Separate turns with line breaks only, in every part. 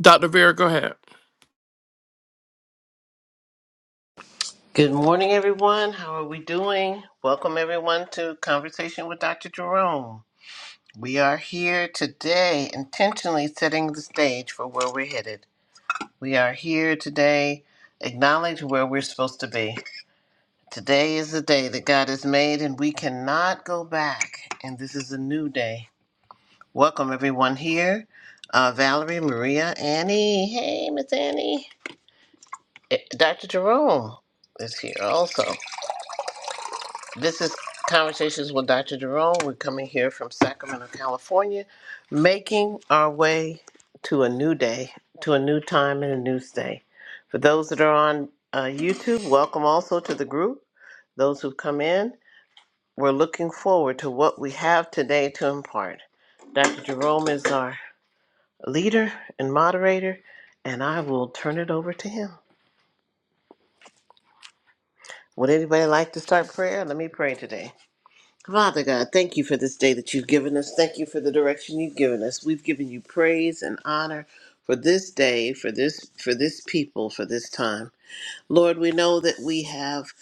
Dr. Vera, go ahead.
Good morning, everyone. How are we doing? Welcome, everyone, to Conversation with Dr. Jerome. We are here today intentionally setting the stage for where we're headed. We are here today, acknowledge where we're supposed to be. Today is the day that God has made, and we cannot go back. And this is a new day. Welcome, everyone, here. Uh, Valerie, Maria, Annie. Hey, Miss Annie. Eh, Dr. Jerome is here also. This is Conversations with Dr. Jerome. We're coming here from Sacramento, California, making our way to a new day, to a new time and a new day. For those that are on uh, YouTube, welcome also to the group. Those who've come in, we're looking forward to what we have today to impart. Dr. Jerome is our leader and moderator, and I will turn it over to him. Would anybody like to start prayer? Let me pray today. Father God, thank you for this day that you've given us. Thank you for the direction you've given us. We've given you praise and honor for this day, for this for this people, for this time. Lord, we know that we have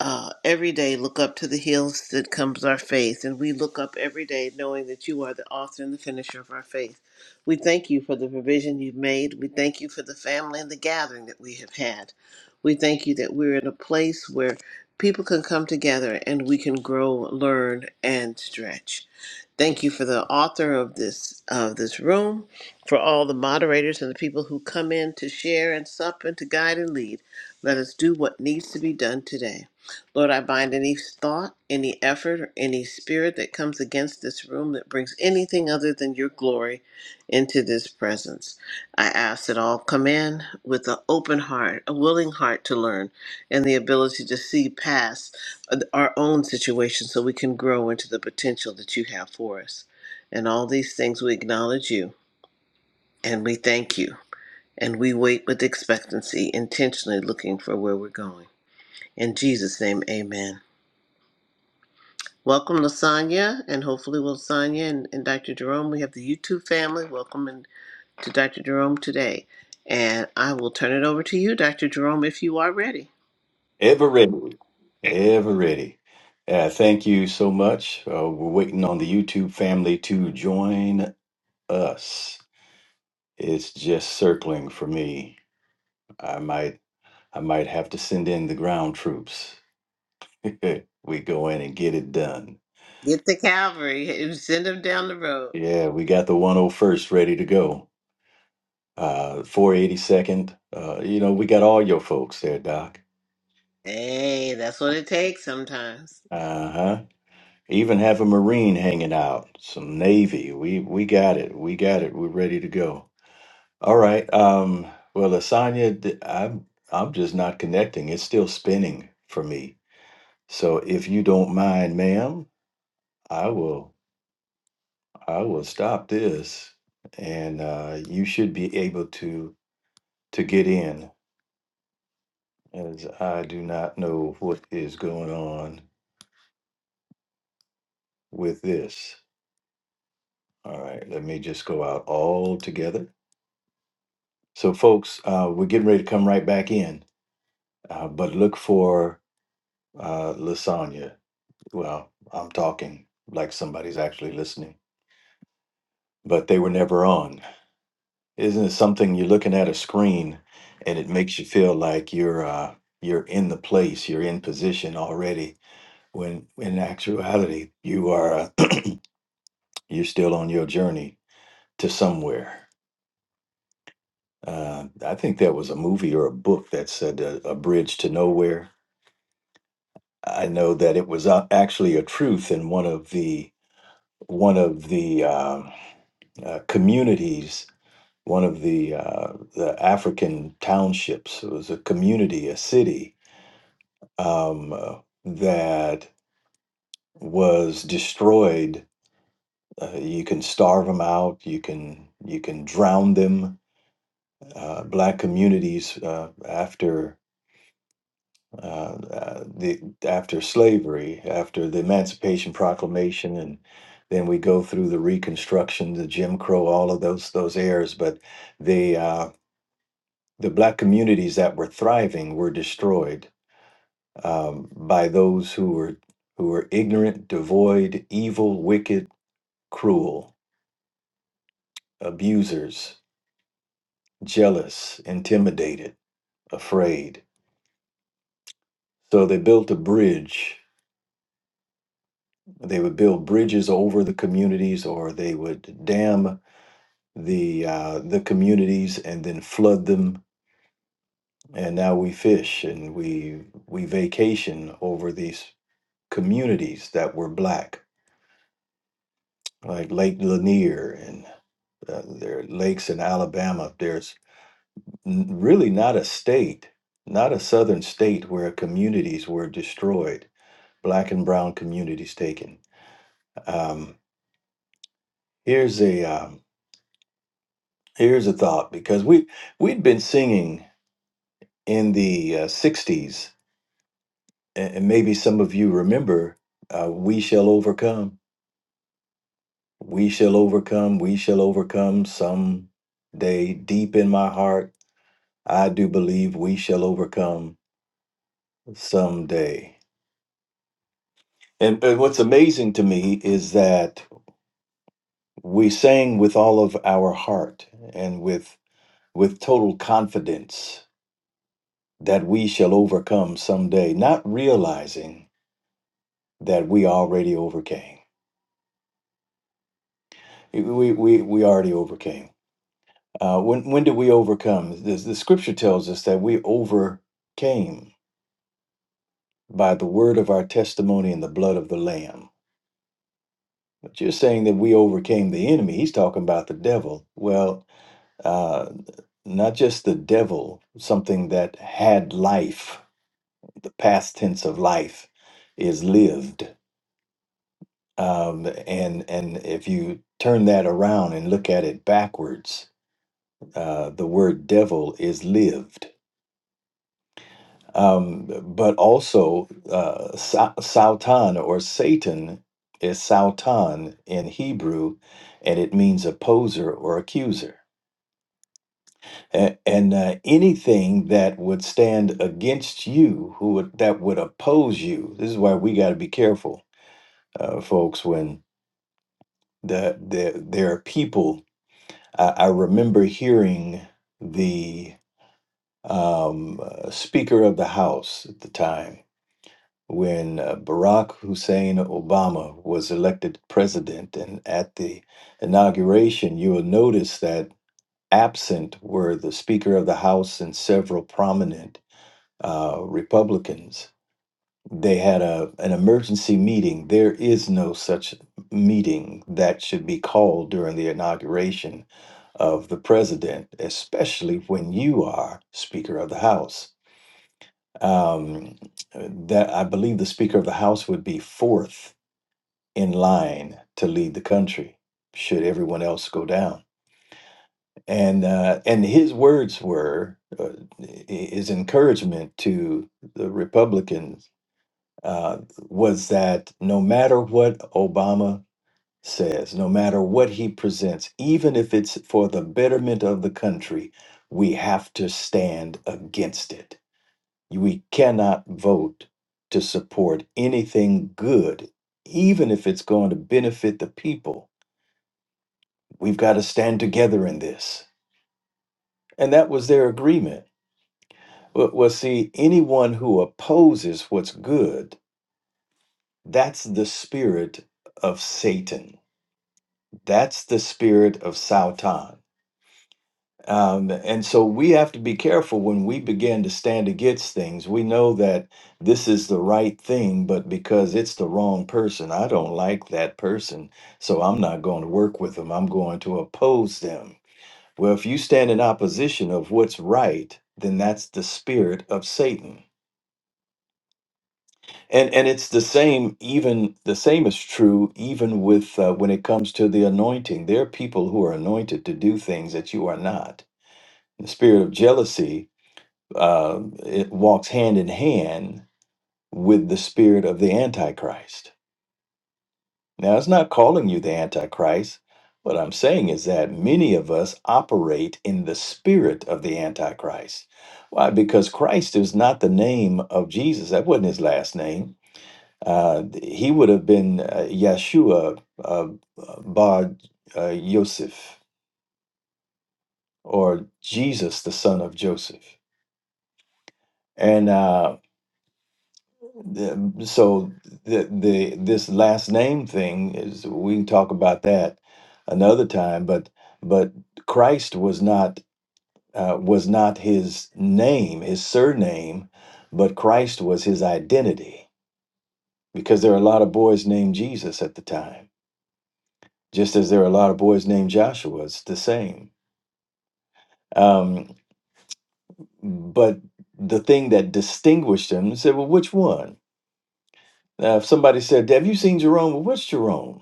uh, every day look up to the hills that comes our faith, and we look up every day knowing that you are the author and the finisher of our faith. We thank you for the provision you've made. We thank you for the family and the gathering that we have had. We thank you that we're in a place where people can come together and we can grow, learn, and stretch. Thank you for the author of this of this room, for all the moderators and the people who come in to share and sup and to guide and lead. Let us do what needs to be done today. Lord, I bind any thought, any effort, or any spirit that comes against this room that brings anything other than your glory into this presence. I ask that all come in with an open heart, a willing heart to learn, and the ability to see past our own situation so we can grow into the potential that you have for us. And all these things we acknowledge you and we thank you and we wait with expectancy, intentionally looking for where we're going. In Jesus' name, amen. Welcome, Lasagna, and hopefully, Lasagna and, and Dr. Jerome. We have the YouTube family. Welcome in, to Dr. Jerome today. And I will turn it over to you, Dr. Jerome, if you are ready.
Ever ready. Ever ready. Uh, thank you so much. Uh, we're waiting on the YouTube family to join us. It's just circling for me. I might I might have to send in the ground troops. we go in and get it done.
Get the Calvary and send them down the road.
Yeah, we got the 101st ready to go. Uh 482nd. Uh you know, we got all your folks there, Doc.
Hey, that's what it takes sometimes.
Uh-huh. Even have a Marine hanging out, some Navy. We we got it. We got it. We're ready to go. All right. Um, well, Lasagna, th- I'm I'm just not connecting. It's still spinning for me. So if you don't mind, ma'am, I will I will stop this, and uh, you should be able to to get in, as I do not know what is going on with this. All right. Let me just go out all together. So, folks, uh, we're getting ready to come right back in, uh, but look for uh, lasagna. Well, I'm talking like somebody's actually listening, but they were never on. Isn't it something you're looking at a screen and it makes you feel like you're uh, you're in the place, you're in position already, when in actuality you are uh, you're still on your journey to somewhere. Uh, I think that was a movie or a book that said uh, a bridge to nowhere I know that it was uh, actually a truth in one of the one of the um uh, communities, one of the uh, the African townships. It was a community, a city um, uh, that was destroyed. Uh, you can starve them out. You can you can drown them. Uh, black communities uh, after uh, uh, the after slavery, after the Emancipation Proclamation, and then we go through the Reconstruction, the Jim Crow, all of those those eras. But the uh, the black communities that were thriving were destroyed um, by those who were who were ignorant, devoid, evil, wicked, cruel, abusers, jealous, intimidated, afraid. So they built a bridge They would build bridges over the communities, or they would dam the uh, the communities and then flood them. And now we fish and we we vacation over these communities that were black, like Lake Lanier and uh, there are lakes in Alabama. There's n- really not a state, not a southern state where communities were destroyed, black and brown communities taken. Um, here's a um, Here's a thought because we we'd been singing in the uh, 60s and, and maybe some of you remember uh, we shall overcome we shall overcome we shall overcome some day deep in my heart I do believe we shall overcome someday. And, and what's amazing to me is that we sang with all of our heart and with with total confidence that we shall overcome someday, not realizing that we already overcame. We, we, we already overcame. Uh, when, when did we overcome? The, the scripture tells us that we overcame by the word of our testimony and the blood of the Lamb. But you're saying that we overcame the enemy. He's talking about the devil. Well, uh, not just the devil, something that had life, the past tense of life is lived. Um, and, and if you turn that around and look at it backwards, uh, the word devil is lived. Um, but also, uh, sa- Sautan or Satan is Sautan in Hebrew, and it means opposer or accuser. A- And uh, anything that would stand against you, who would, that would oppose you, this is why we got to be careful, uh, folks. When the, the there are people, I, I remember hearing the um, uh, Speaker of the House at the time when uh, Barack Hussein Obama was elected president. And at the inauguration, you will notice that absent were the Speaker of the House and several prominent uh, Republicans. They had a, an emergency meeting. There is no such meeting that should be called during the inauguration of the president, especially when you are Speaker of the House. Um, that I believe the Speaker of the House would be fourth in line to lead the country should everyone else go down. And uh, and his words were uh, his encouragement to the Republicans uh, was that no matter what Obama says, no matter what he presents, even if it's for the betterment of the country, we have to stand against it We cannot vote to support anything good, even if it's going to benefit the people. We've got to stand together in this. And that was their agreement. Well, well, see, anyone who opposes what's good, that's the spirit of Satan. That's the spirit of Sautan. Um, and so we have to be careful when we begin to stand against things. We know that this is the right thing, but because it's the wrong person, I don't like that person, so I'm not going to work with them. I'm going to oppose them. Well, if you stand in opposition of what's right, then that's the spirit of Satan. And and it's the same even the same is true even with uh, when it comes to the anointing. There are people who are anointed to do things that you are not. The spirit of jealousy uh, it walks hand in hand with the spirit of the Antichrist. Now, it's not calling you the Antichrist. What I'm saying is that many of us operate in the spirit of the Antichrist. Why? Because Christ is not the name of Jesus. That wasn't his last name. Uh, he would have been uh, Yeshua uh, Bar uh, Yosef or Jesus, the son of Joseph. And uh, The- So the the this last name thing is we can talk about that another time, but but Christ was not uh, was not his name, his surname, but Christ was his identity because there are a lot of boys named Jesus at the time, just as there are a lot of boys named Joshua. It's the same. Um, but the thing that distinguished him said, well, which one? Now, if somebody said, Have you seen Jerome? Well, which Jerome?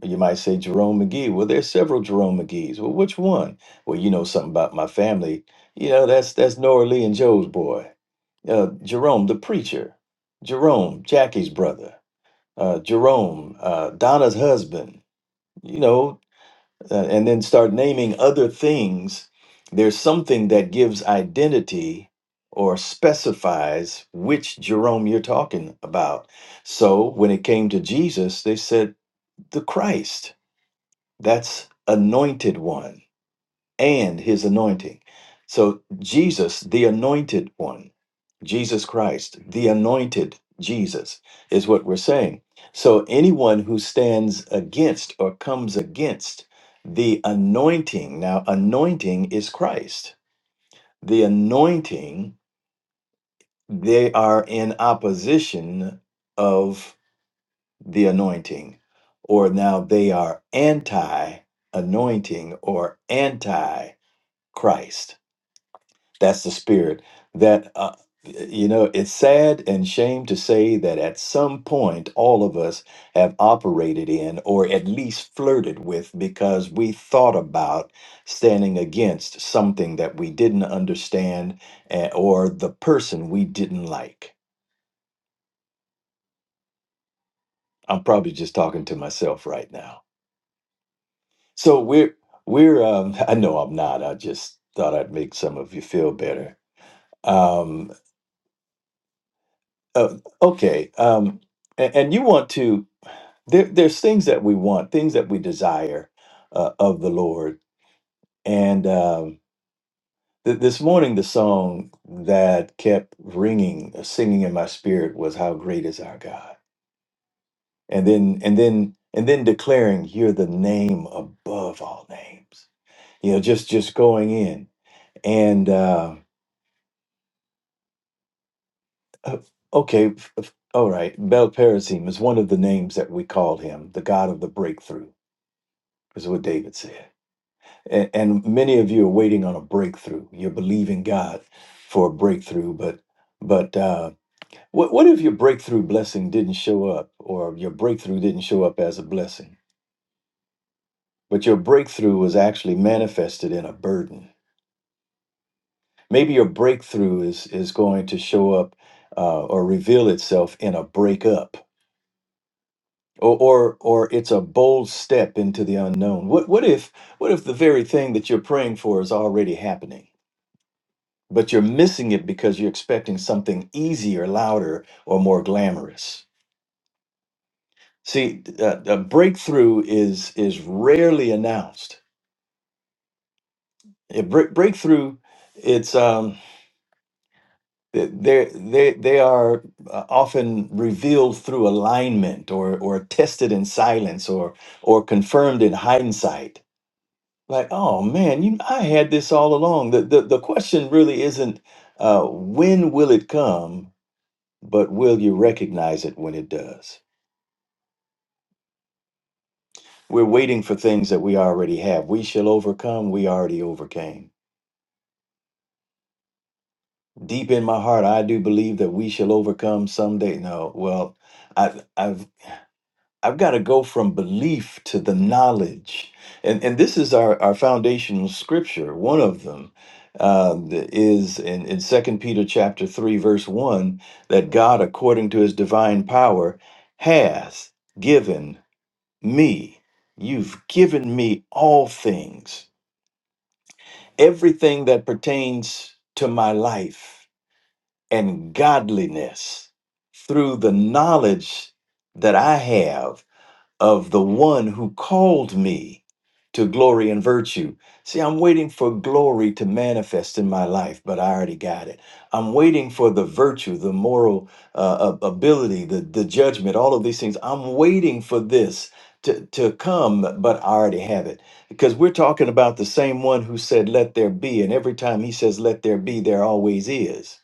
Well, You might say Jerome McGee. Well, there's several Jerome McGees. Well, which one? Well, you know something about my family. You know, that's that's Nora Lee and Joe's boy. Uh, Jerome, the preacher. Jerome, Jackie's brother. Uh, Jerome, uh, Donna's husband. You know, uh, and then start naming other things, there's something that gives identity or specifies which Jerome you're talking about. So when it came to Jesus, they said, the Christ, that's anointed one and his anointing. So Jesus, the anointed one. Jesus Christ, the anointed Jesus, is what we're saying. So anyone who stands against or comes against the anointing, now, anointing is Christ. The anointing, they are in opposition of the anointing, or now they are anti anointing or anti Christ. That's the spirit. That, uh, you know, it's sad and shame to say that at some point all of us have operated in or at least flirted with because we thought about standing against something that we didn't understand eh, or the person we didn't like. I'm probably just talking to myself right now. So we're, we're, um, I know I'm not. I just thought I'd make some of you feel better. Um, Uh, okay. Um, and, and you want to, there, there's things that we want, things that we desire uh, of the Lord. And um, th- this morning, the song that kept ringing, uh, singing in my spirit was "How Great Is Our God," and then, and then, and then declaring, "You're the name above all names." You know, just just going in and uh, uh, okay, f- f- all right. Belperazim is one of the names that we call him, the God of the breakthrough is what David said. And, and many of you are waiting on a breakthrough. You're believing God for a breakthrough, but but uh, what what if your breakthrough blessing didn't show up, or your breakthrough didn't show up as a blessing, but your breakthrough was actually manifested in a burden? Maybe your breakthrough is is going to show up uh, or reveal itself in a breakup. Or, or, or it's a bold step into the unknown. What, what if, what if the very thing that you're praying for is already happening? but you're missing it because you're expecting something easier, louder, or more glamorous. See, uh, a breakthrough is is rarely announced. A break breakthrough, it's um, they they they are uh, often revealed through alignment, or or tested in silence, or or confirmed in hindsight. Like, oh man, you, I had this all along. The the, the question really isn't uh, when will it come but will you recognize it when it does? We're waiting for things that we already have. We shall overcome, we already overcame. Deep in my heart, I do believe that we shall overcome someday. No, well, I, I've I've got to go from belief to the knowledge, and and this is our our foundational scripture. One of them uh, is in in Second Peter chapter three verse one that God, according to His divine power, has given. me. You've given me all things, everything that pertains to my life and godliness through the knowledge that I have of the one who called me to glory and virtue. See, I'm waiting for glory to manifest in my life, but I already got it. I'm waiting for the virtue, the moral uh, ab- ability, the, the judgment, all of these things. I'm waiting for this to, to come, but I already have it. Because we're talking about the same one who said, Let there be. And every time he says, Let there be, there always is.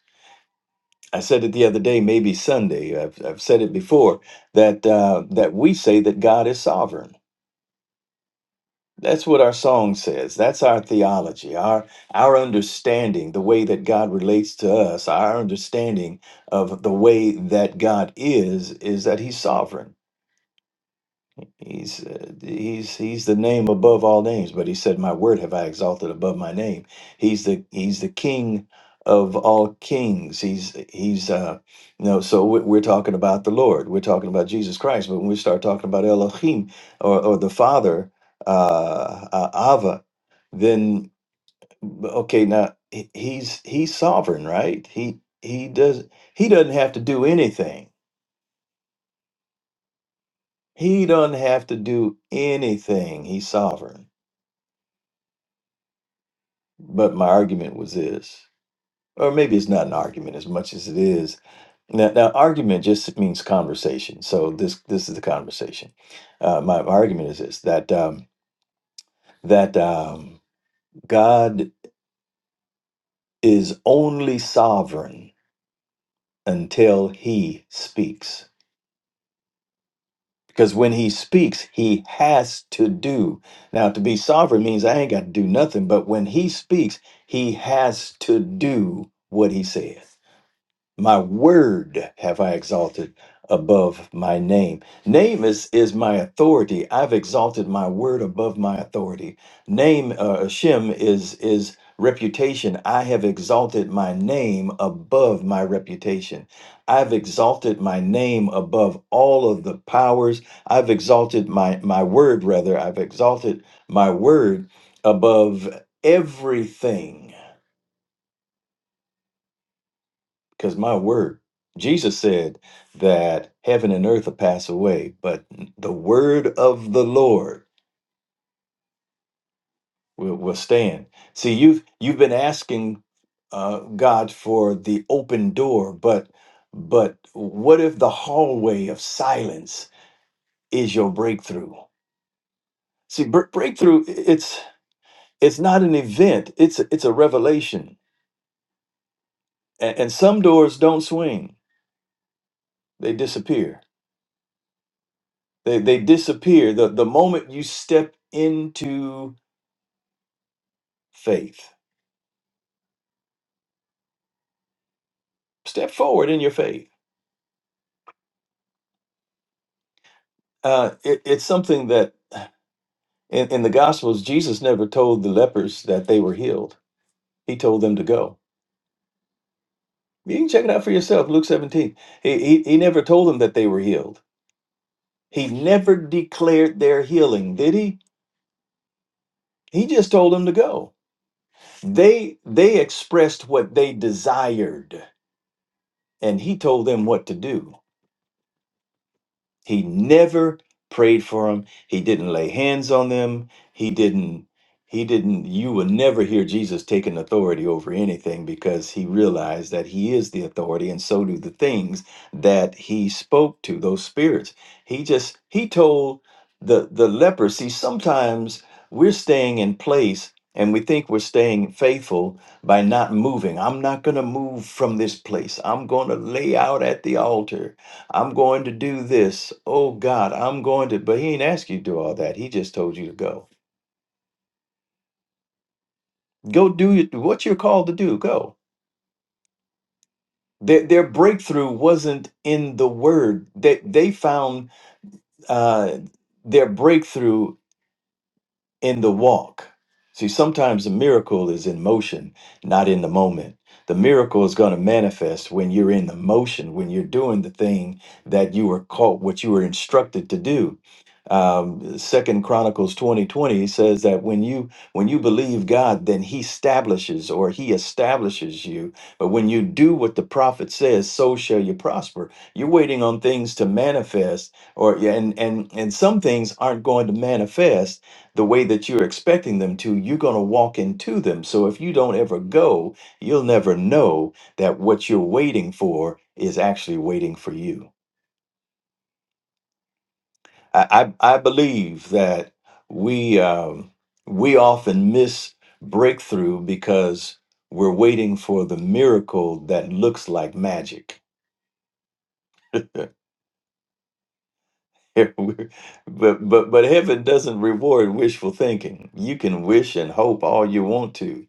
I said it the other day, maybe Sunday. I've, I've said it before that uh, that we say that God is sovereign that's what our song says. That's our theology, our our understanding, the way that God relates to us, our understanding of the way that God is, is that He's sovereign. He's uh, he's he's the name above all names, but he said, "My word have I exalted above my name." He's the he's the King of all kings. He's he's uh, you know. So we- we're talking about the Lord. We're talking about Jesus Christ. But when we start talking about Elohim or or the Father, uh, uh, Ava, then okay, now he- he's he's sovereign, right? He he does he doesn't have to do anything. He doesn't have to do anything. He's sovereign But my argument was this, or maybe it's not an argument as much as it is. Now, now argument just means conversation. So this this is the conversation. Uh, my, my argument is this that um, that um, God is only sovereign until He speaks. Because when He speaks, He has to do. Now, to be sovereign means I ain't got to do nothing. But when He speaks, He has to do what He says. my word have I exalted above my name. Name is is my authority. I've exalted my word above my authority. Name uh, Shem is is reputation. I have exalted my name above my reputation. I've exalted my name above all of the powers. I've exalted my my word rather. I've exalted my word above everything Because my word, Jesus said that heaven and earth will pass away, but the word of the Lord will, will stand. See, you've you've been asking uh, God for the open door, but but what if the hallway of silence is your breakthrough? See, br- breakthrough i- it's it's not an event; it's a, it's a revelation. And, and some doors don't swing; they disappear They they disappear the the moment you step into faith. Step forward in your faith. Uh, it, it's something that in, in the Gospels Jesus never told the lepers that they were healed. He told them to go. You can check it out for yourself. Luke seventeen. He he, he never told them that they were healed. He never declared their healing, did he? He just told them to go. They they expressed what they desired, and he told them what to do He never prayed for them. He didn't lay hands on them. He didn't, he didn't, you will never hear Jesus taking authority over anything because he realized that he is the authority and so do the things that he spoke to, those spirits. He just, he told the, the leper, see, sometimes we're staying in place and we think we're staying faithful by not moving. I'm not going to move from this place. I'm going to lay out at the altar. I'm going to do this. Oh God, I'm going to. But he ain't asked you to do all that. He just told you to go. Go do it- what you're called to do. Go. Their, their breakthrough wasn't in the word. They, they found uh, their breakthrough in the walk. See, sometimes the miracle is in motion, not in the moment. The miracle is going to manifest when you're in the motion, when you're doing the thing that you were called, what you were instructed to do. Um, Second Chronicles twenty twenty says that when you when you believe God, then He establishes or He establishes you. But when you do what the prophet says, so shall you prosper. You're waiting on things to manifest, or yeah, and and and some things aren't going to manifest the way that you're expecting them to, you're going to walk into them. So if you don't ever go, you'll never know that what you're waiting for is actually waiting for you. I, I, I believe that we um, we often miss breakthrough because we're waiting for the miracle that looks like magic. but but but heaven doesn't reward wishful thinking. You can wish and hope all you want to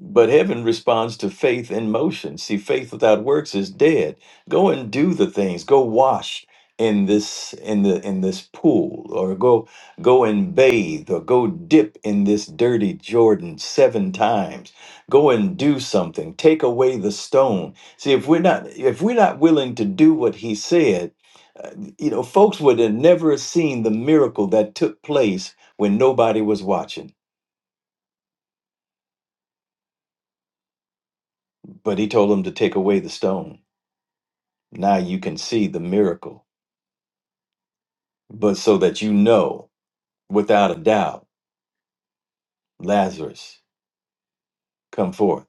But heaven responds to faith in motion. See, faith without works is dead. Go and do the things. Go wash in this in the in this pool or go go and bathe or go dip in this dirty Jordan seven times. Go and do something. Take away the stone. See, if we're not if we're not willing to do what he said, uh, you know, folks would have never seen the miracle that took place when nobody was watching. But he told them to take away the stone Now you can see the miracle, but so that you know without a doubt, Lazarus, come forth.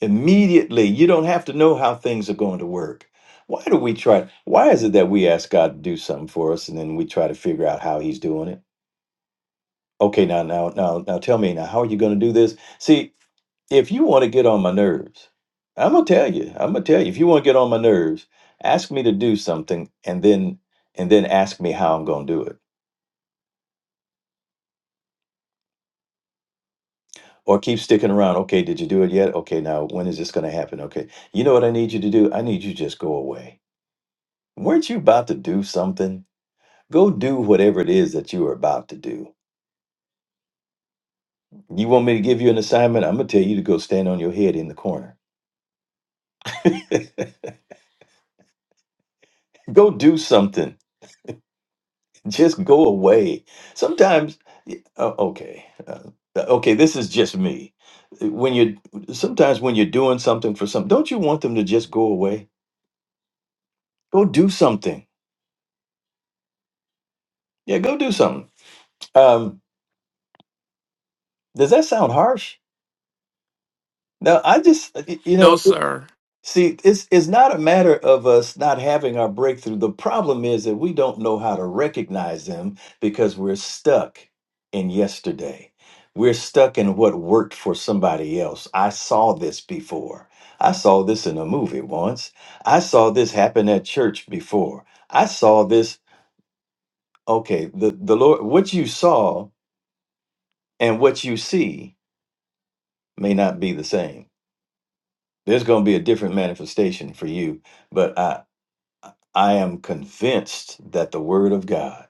Immediately, you don't have to know how things are going to work. Why do we try? Why is it that we ask God to do something for us and then we try to figure out how He's doing it? Okay, now, now, now, now tell me, now, how are you going to do this? See, if you want to get on my nerves, I'm going to tell you, I'm going to tell you, if you want to get on my nerves, ask me to do something and then, and then ask me how I'm going to do it or keep sticking around. Okay, did you do it yet? Okay, now when is this going to happen? Okay, you know what I need you to do? I need you to just go away. Weren't you about to do something? Go do whatever it is that you are about to do. You want me to give you an assignment? I'm going to tell you to go stand on your head in the corner. go do something. Just go away. Sometimes, y- uh, okay, uh, uh, okay, this is just me. When you sometimes when you're doing something for something, don't you want them to just go away? Go do something. Yeah, go do something Um, does that sound harsh? No, I just, uh, y- you
No,
know,
sir.
see, it's it's not a matter of us not having our breakthrough. The problem is that we don't know how to recognize them because we're stuck in yesterday. We're stuck in what worked for somebody else. I saw this before. I saw this in a movie once. I saw this happen at church before. I saw this. Okay, the the Lord, what you saw and what you see may not be the same. there's going to be a different manifestation for you but i i am convinced that the word of god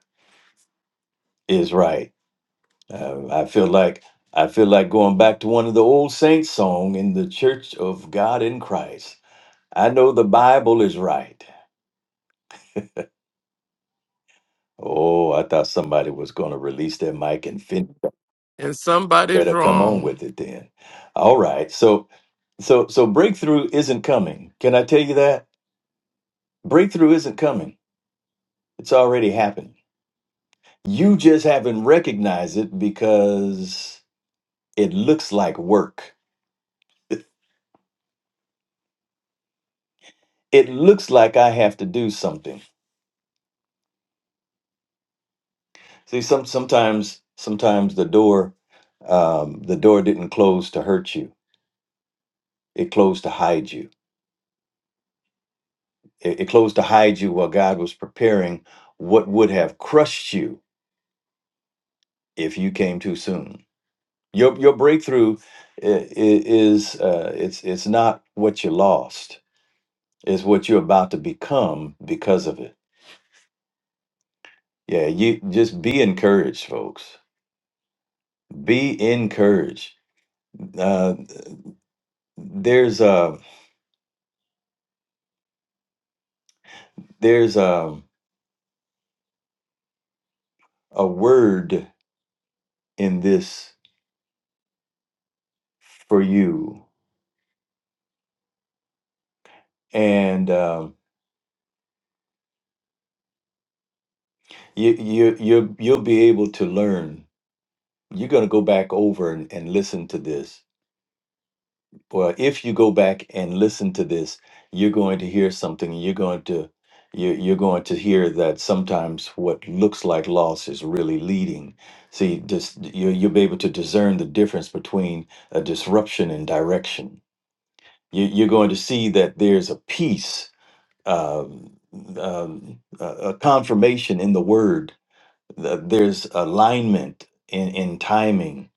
is right uh, i feel like i feel like going back to one of the old saints song in the church of god in christ i know the bible is right oh i thought somebody was going to release their mic and finish.
And somebody's
better come on
wrong.
with it then all right so so so breakthrough isn't coming can i tell you that breakthrough isn't coming it's already happened You just haven't recognized it because it looks like work. It looks like I have to do something. See, some sometimes sometimes the door um, the door didn't close to hurt you. It closed to hide you. It, it closed to hide you while God was preparing what would have crushed you if you came too soon. Your your breakthrough i- i- is uh, it's it's not what you lost. It's what you're about to become because of it. Yeah, you just be encouraged, folks. Be encouraged. Uh, there's a there's a a word in this for you, and um, you you you you'll be able to learn. You're gonna go back over and, and listen to this Well, if you go back and listen to this, you're going to hear something. You're going to you you're going to hear that sometimes what looks like loss is really leading. See, just you you'll be able to discern the difference between a disruption and direction. You, you're going to see that there's a peace, um, um, a a confirmation in the word. that There's alignment in in timing.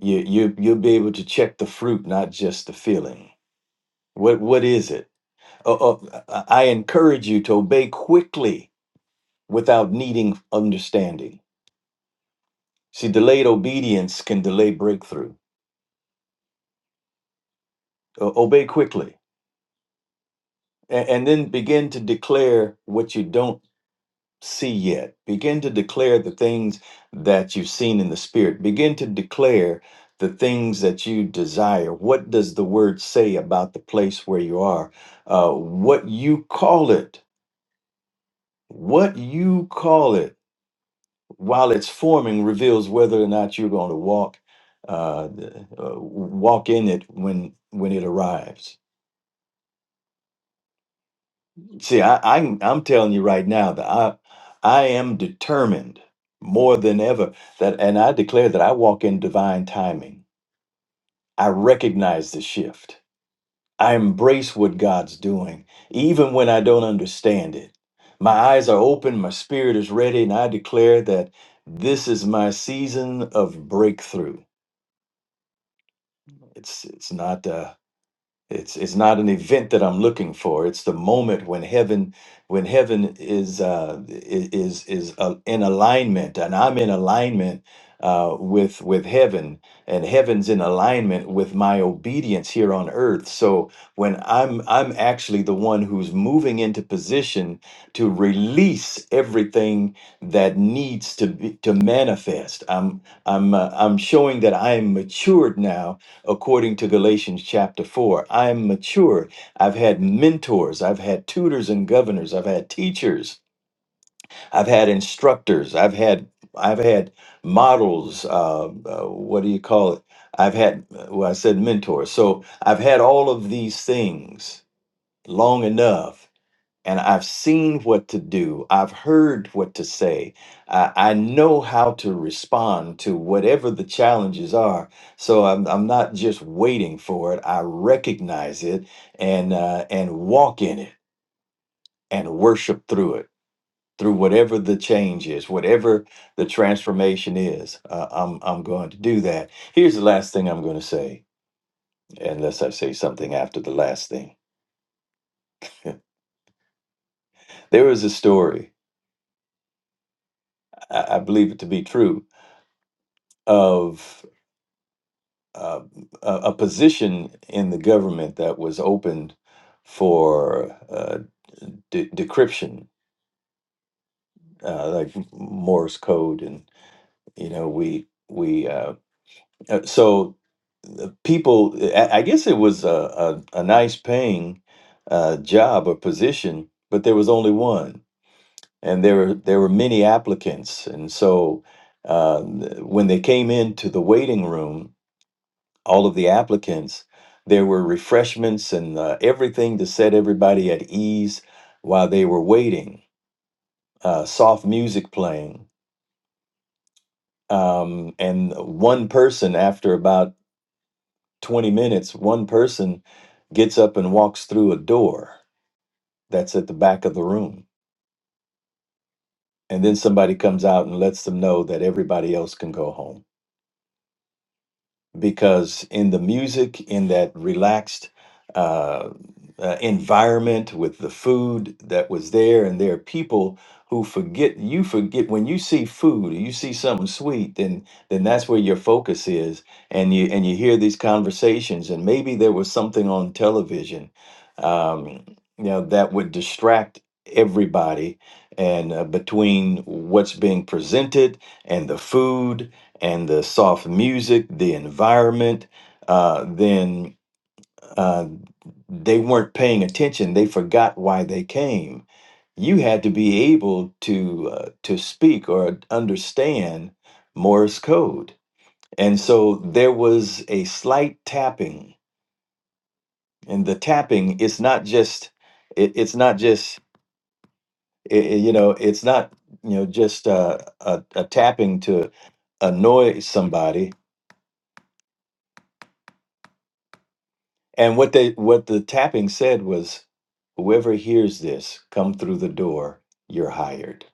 You you you'll be able to check the fruit, not just the feeling what what is it? Uh, uh, I encourage you to obey quickly without needing understanding. See, delayed obedience can delay breakthrough. O- obey quickly, and, and then begin to declare what you don't see yet. Begin to declare the things that you've seen in the spirit. Begin to declare the things that you desire. What does the word say about the place where you are? Uh, what you call it? What you call it? while it's forming reveals whether or not you're going to walk uh, the- uh walk in it when when it arrives see i i'm, I'm telling you right now that i i am determined more than ever that and i declare that i walk in divine timing i recognize the shift i embrace what god's doing even when i don't understand it my eyes are open my spirit is ready and i declare that this is my season of breakthrough It's it's not uh it's it's not an event that I'm looking for. It's the moment when heaven when heaven is uh i- is is uh, in alignment and I'm in alignment uh with with heaven and heaven's in alignment with my obedience here on earth. So when I'm I'm actually the one who's moving into position to release everything that needs to be to manifest. I'm I'm uh, I'm showing that I am matured now according to Galatians chapter 4. I am mature. I've had mentors, I've had tutors and governors, I've had teachers, I've had instructors, I've had I've had models. Uh, uh, what do you call it? I've had, well, I said mentors. So I've had all of these things long enough and I've seen what to do. I've heard what to say. I, I know how to respond to whatever the challenges are. So I'm, I'm not just waiting for it. I recognize it and uh, and walk in it and worship through it, through whatever the change is, whatever the transformation is. Uh, I'm I'm going to do that. Here's the last thing I'm going to say, unless I say something after the last thing. There is a story. I, I believe it to be true of uh, a, a position in the government that was opened for uh, de- decryption, uh, like Morse code, and you know we we uh, uh, so people. I, I guess it was a a, a nice paying uh, job or position, but there was only one, and there were there were many applicants, and so. Uh, when they came into the waiting room, all of the applicants. There were refreshments and uh, everything to set everybody at ease while they were waiting, uh, soft music playing. Um, and one person, after about 20 minutes, one person gets up and walks through a door that's at the back of the room. And then somebody comes out and lets them know that everybody else can go home. because in the music, in that relaxed uh, uh, environment with the food that was there, and there are people who forget. You forget when you see food, you see something sweet, then then that's where your focus is, and you and you hear these conversations, and maybe there was something on television, um, you know, that would distract everybody and uh, between what's being presented and the food and the soft music, the environment, uh, then uh, they weren't paying attention. They forgot why they came. You had to be able to uh, to speak or understand Morse code, and so there was a slight tapping. And the tapping is not just it, it's not just i i- you know it's not you know just uh, a, a tapping to annoy somebody And what they what the tapping said was, whoever hears this, come through the door, you're hired.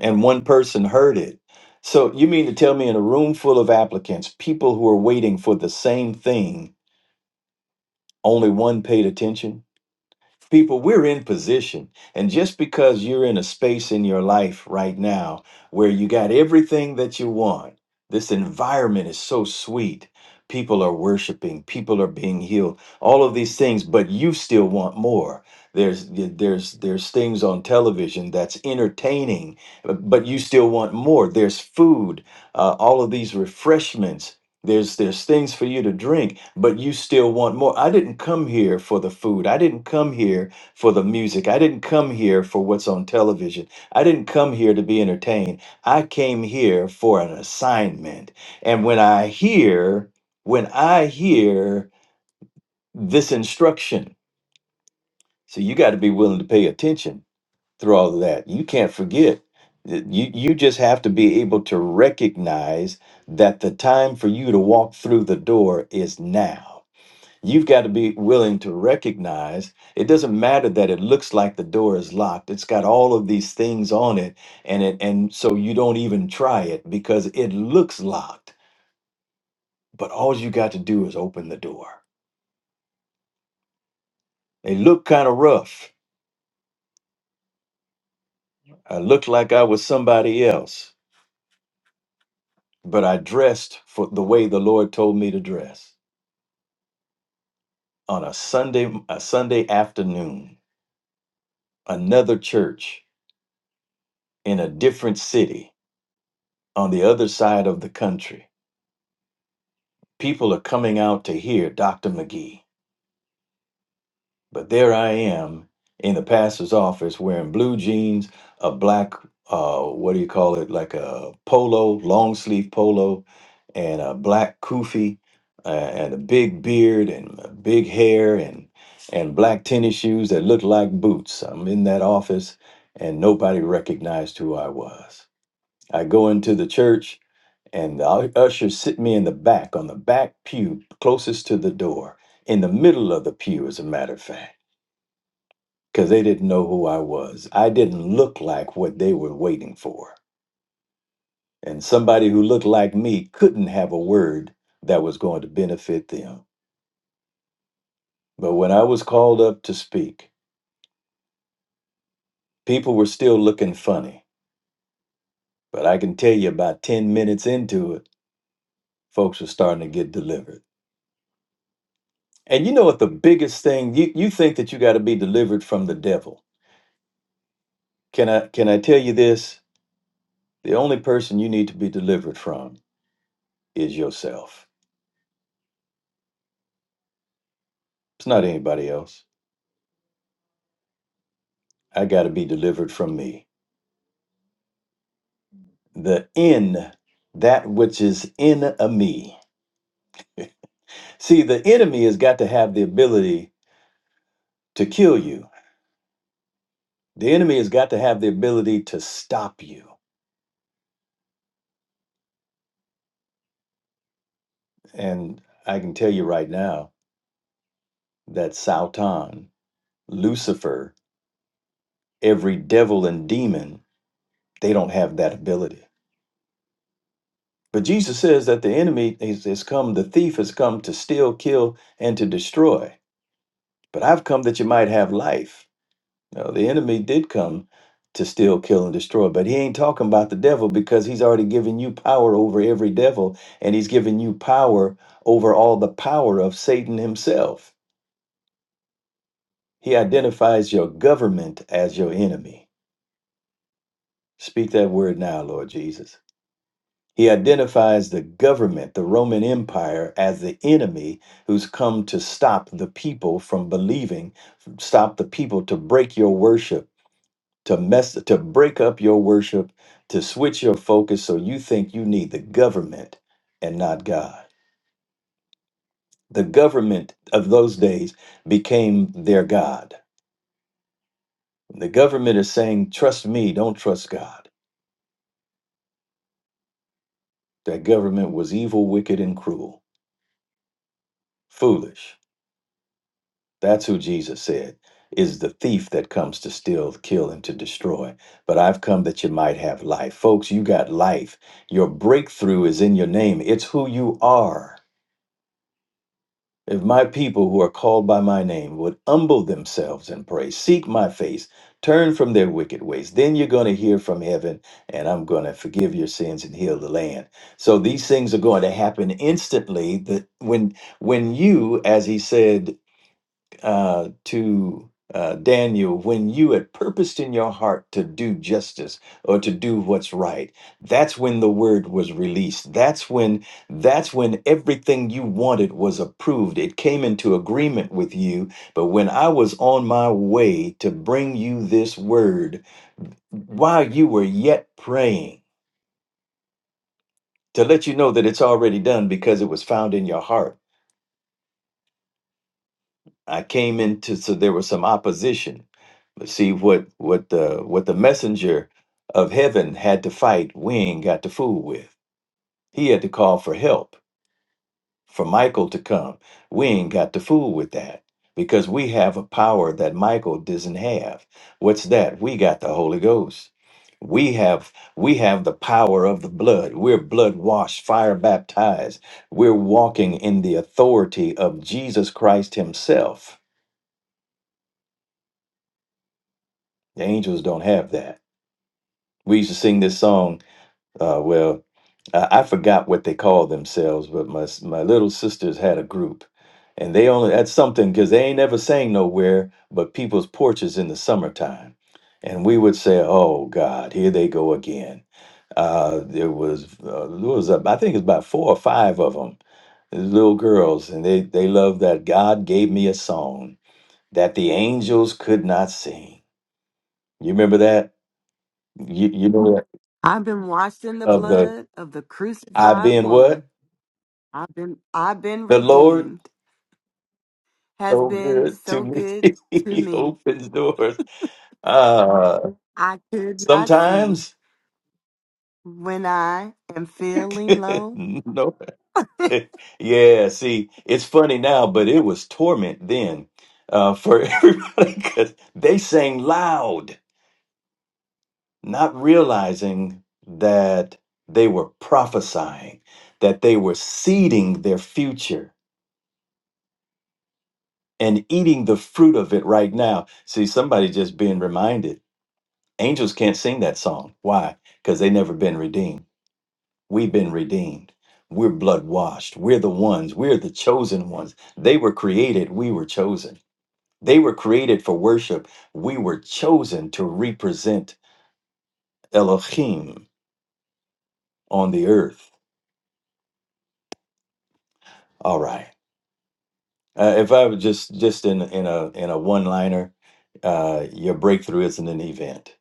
And one person heard it. So you mean to tell me in a room full of applicants, people who are waiting for the same thing, only one paid attention? People, we're in position. And just because you're in a space in your life right now where you got everything that you want, this environment is so sweet. People are worshiping, people are being healed, all of these things, but you still want more. There's there's there's things on television that's entertaining, but you still want more. There's food, uh, all of these refreshments there's there's things for you to drink, but you still want more. I didn't come here for the food. I didn't come here for the music. I didn't come here for what's on television. I didn't come here to be entertained. I came here for an assignment. And when I hear when I hear this instruction, so you got to be willing to pay attention through all of that. You can't forget. Th- You you just have to be able to recognize that the time for you to walk through the door is now. You've got to be willing to recognize it doesn't matter that it looks like the door is locked. It's got all of these things on it and it and so you don't even try it because it looks locked. But all you got to do is open the door. It looked kind of rough. I looked like I was somebody else but I dressed for the way the Lord told me to dress on a Sunday a Sunday afternoon, another church in a different city on the other side of the country. People are coming out to hear Dr. McGee But there I am in the pastor's office wearing blue jeans, a black, uh, what do you call it, like a polo, long sleeve polo, and a black kufi, uh, and a big beard and a big hair and and black tennis shoes that looked like boots. I'm in that office, and nobody recognized who I was. I go into the church, and the usher sit me in the back on the back pew closest to the door, in the middle of the pew, as a matter of fact because they didn't know who I was. I didn't look like what they were waiting for. And somebody who looked like me couldn't have a word that was going to benefit them. But when I was called up to speak, people were still looking funny. But I can tell you about 10 minutes into it, folks were starting to get delivered. And you know what the biggest thing you, you think that you got to be delivered from the devil. Can I can I tell you this? The only person you need to be delivered from is yourself. It's not anybody else. I got to be delivered from me. The in, that which is in a me. See, the enemy has got to have the ability to kill you, the enemy has got to have the ability to stop you. And I can tell you right now that Sautan, Lucifer, every devil and demon, they don't have that ability. But Jesus says that the enemy is, has come, the thief has come to steal, kill, and to destroy. But I've come that you might have life No, the enemy did come to steal, kill, and destroy, but he ain't talking about the devil because he's already given you power over every devil, and he's given you power over all the power of Satan himself. He identifies your government as your enemy. Speak that word now, Lord Jesus. He identifies the government, the Roman Empire, as the enemy who's come to stop the people from believing, stop the people to break your worship to mess to break up your worship to switch your focus so you think you need the government and not god the government of those days became their god the government is saying trust me don't trust god that government was evil wicked and cruel foolish that's who jesus said is the thief that comes to steal kill and to destroy but i've come that you might have life folks you got life your breakthrough is in your name it's who you are If my people who are called by my name would humble themselves and pray, seek my face, turn from their wicked ways, then you're going to hear from heaven and I'm going to forgive your sins and heal the land. So these things are going to happen instantly that when when you as he said uh, to uh, Daniel, when you had purposed in your heart to do justice or to do what's right, that's when the word was released. That's when that's when everything you wanted was approved. It came into agreement with you. But when I was on my way to bring you this word, while you were yet praying, to let you know that it's already done because it was found in your heart. I came into so there was some opposition Let's see what what the what the messenger of heaven had to fight. We ain't got to fool with. He had to call for help for Michael to come. We ain't got to fool with that because we have a power that Michael doesn't have. What's that? We got the Holy Ghost. We have we have the power of the blood. We're blood washed, fire baptized. We're walking in the authority of Jesus Christ Himself. The angels don't have that. We used to sing this song. Uh, well, I I forgot what they called themselves, but my s- my little sisters had a group, and they only that's something because they ain't never sang nowhere but people's porches in the summertime, and we would say, "Oh God, here they go again." Uh, there was uh, there was uh, I think it's about four or five of them, little girls, and they they loved that God gave me a song that the angels could not sing. You remember that? You you know that
I've been washed in the
of the
blood of the
I've
crucified
been
one.
what
I've been I've been
the Lord.
redeemed. Has
so
been
good to
so
me.
good to
he
me.
opens doors. Uh,
I could not see
sometimes,
when I am feeling low.
no. yeah, see, it's funny now, but it was torment then uh, for everybody because they sang loud, not realizing that they were prophesying, that they were seeding their future and eating the fruit of it right now. See, somebody just being reminded angels can't sing that song. Why? Because they never been redeemed. We've been redeemed. We're blood washed. We're the ones. We're the chosen ones. They were created. We were chosen. They were created for worship. We were chosen to represent Elohim on the earth. All right. Uh, if I was just just in in a in a one liner, uh, your breakthrough isn't an event.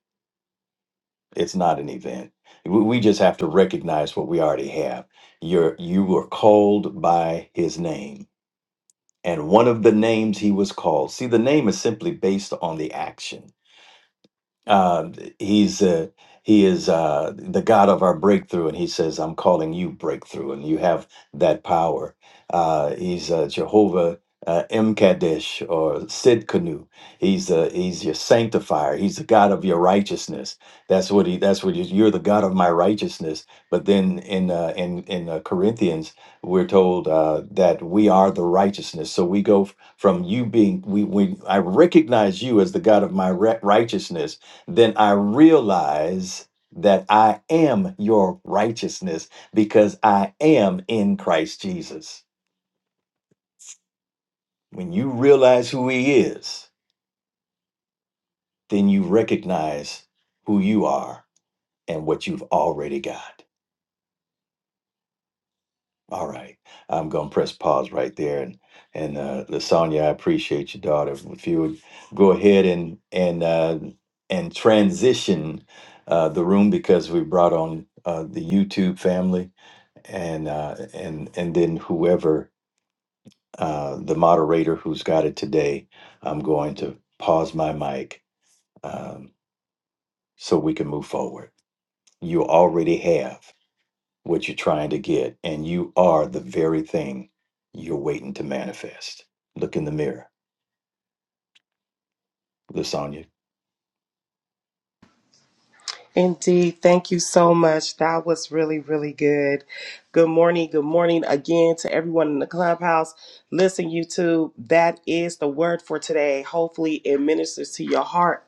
It's not an event. We, we just have to recognize what we already have. You're you were called by His name and one of the names he was called. See, the name is simply based on the action uh, he's uh, he is uh, the God of our breakthrough, and he says, "I'm calling you breakthrough, and you have that power." Uh, he's uh, Jehovah uh, M. Kadesh or Sid Kanu. He's uh, he's your sanctifier. He's the God of your righteousness. That's what he. That's what he, you're the God of my righteousness. But then in uh, in in uh, Corinthians, we're told uh, that we are the righteousness. So we go f- from you being we we I recognize you as the God of my re- righteousness then I realize that I am your righteousness because I am in Christ Jesus. When you realize who He is, then you recognize who you are and what you've already got. All right, I'm gonna press pause right there, and and uh, Lasagna, I appreciate your daughter. If you would go ahead and and uh, and transition uh, the room because we brought on uh, the YouTube family and uh, and and then whoever uh, the moderator who's got it today, I'm going to pause my mic um, so we can move forward. You already have what you're trying to get, and you are the very thing you're waiting to manifest. Look in the mirror, Lasagna.
Indeed. Thank you so much. That was really, really good. Good morning. Good morning again to everyone in the clubhouse. Listen, YouTube, that is the word for today. Hopefully, it ministers to your heart.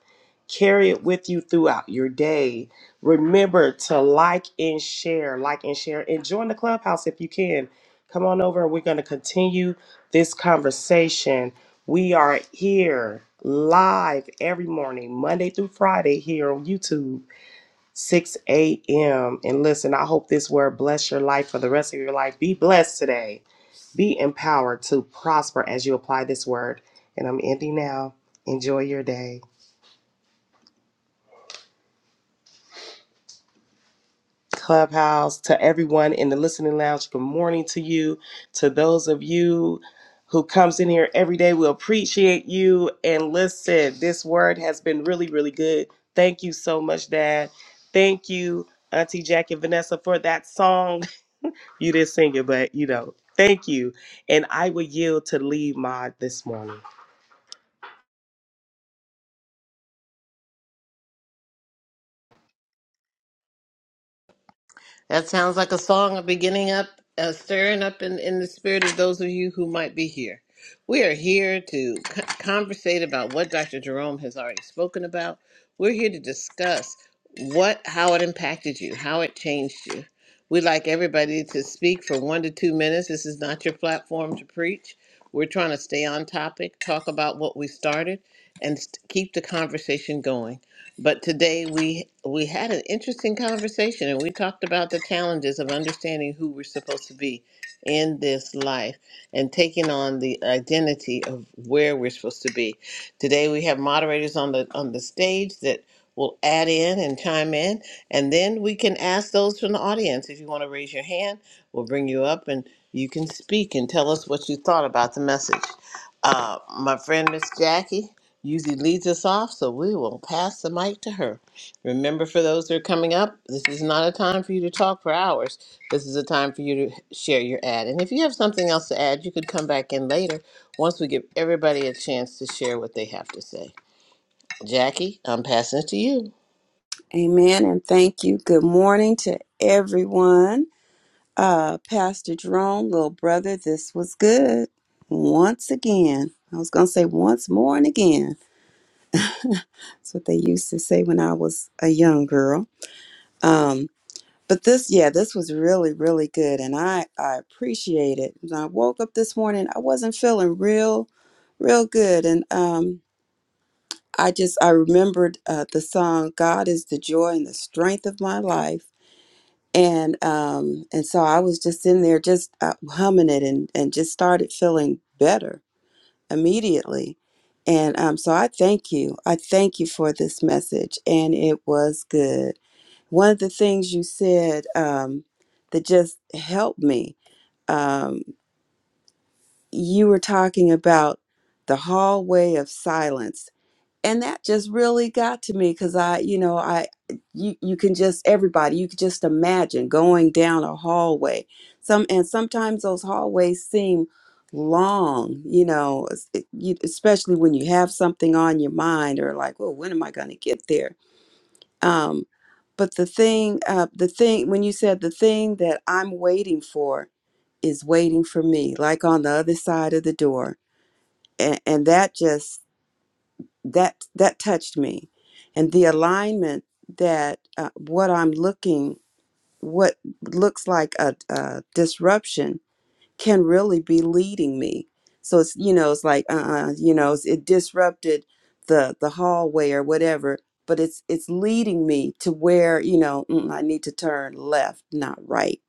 Carry it with you throughout your day. Remember to like and share, like and share, and join the clubhouse if you can. Come on over and we're going to continue this conversation. We are here live every morning, Monday through Friday, here on YouTube 6 a.m. And listen, I hope this word bless your life for the rest of your life. Be blessed today. Be empowered to prosper as you apply this word. And I'm ending now. Enjoy your day. Clubhouse, to everyone in the listening lounge, good morning to you. To those of you who comes in here every day, we appreciate you. And listen, this word has been really, really good. Thank you so much, Dad. Thank you, Auntie Jackie and Vanessa, for that song. You didn't sing it, but you know, thank you. And I will yield to lead mod this morning.
That sounds like a song of beginning up, uh, stirring up in, in the spirit of those of you who might be here. We are here to co- conversate about what Dr. Jerome has already spoken about. We're here to discuss what, how it impacted you, how it changed you. We'd like everybody to speak for one to two minutes. This is not your platform to preach. We're trying to stay on topic, talk about what we started, and st- keep the conversation going. But today we we had an interesting conversation and we talked about the challenges of understanding who we're supposed to be in this life and taking on the identity of where we're supposed to be. Today we have moderators on the on the stage that will add in and chime in and then we can ask those from the audience if you want to raise your hand, we'll bring you up and you can speak and tell us what you thought about the message. Uh, my friend Miss Jackie usually leads us off, so we will pass the mic to her. Remember, for those that are coming up, this is not a time for you to talk for hours. This is a time for you to share your ad. And if you have something else to add, you could come back in later once we give everybody a chance to share what they have to say. Jackie, I'm passing it to you.
Amen. And thank you. Good morning to everyone. Uh, Pastor Jerome, little brother, this was good. Once again. I was going to say once more and again. That's what they used to say when I was a young girl. Um, but this, yeah, this was really, really good. And I, I appreciate it. When I woke up this morning, I wasn't feeling real, real good. And um, I just, I remembered uh, the song, God is the joy and the strength of my life and um and so i was just in there just uh, humming it and and just started feeling better immediately and um so i thank you i thank you for this message and it was good one of the things you said um that just helped me um you were talking about the hallway of silence and that just really got to me because i you know i you, you can just everybody you could just imagine going down a hallway some and sometimes those hallways seem long you know es- it- you- especially when you have something on your mind or like well when am i going to get there um but the thing uh the thing when you said the thing that i'm waiting for is waiting for me like on the other side of the door and and that just that that touched me and the alignment that uh, what i'm looking what looks like a, a disruption can really be leading me so it's you know it's like uh you know it's, it disrupted the the hallway or whatever but it's it's leading me to where you know mm, i need to turn left not right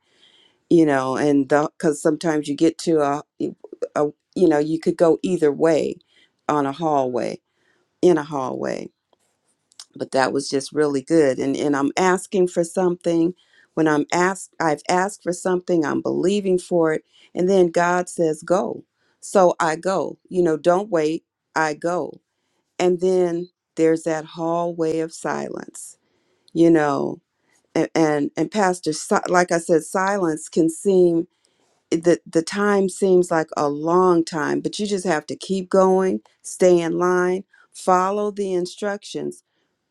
you know and because sometimes you get to a, e, a you know you could go either way on a hallway in a hallway but that was just really good and and I'm asking for something when I'm asked I've asked for something I'm believing for it and then God says go so I go you know don't wait I go and then there's that hallway of silence you know and and, and pastor Si- like I said silence can seem the the time seems like a long time, but you just have to keep going, stay in line, follow the instructions,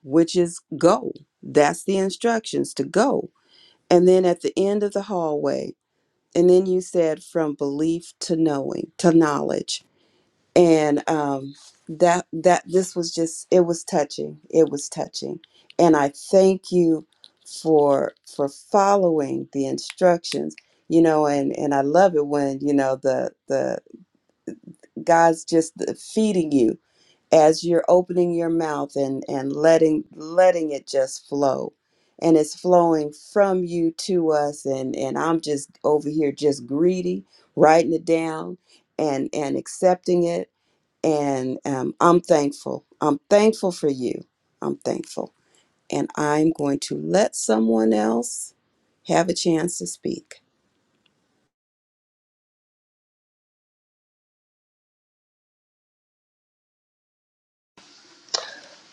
which is go. That's the instructions to go. And then at the end of the hallway, and then you said from belief to knowing, to knowledge and um, that that this was just it was touching it was touching and i thank you for for following the instructions you know and and i love it when you know the the god's just feeding you as you're opening your mouth and and letting letting it just flow and it's flowing from you to us and and i'm just over here just greedy writing it down and and accepting it and um, I'm thankful. I'm thankful for you. I'm thankful. And I'm going to let someone else have a chance to speak.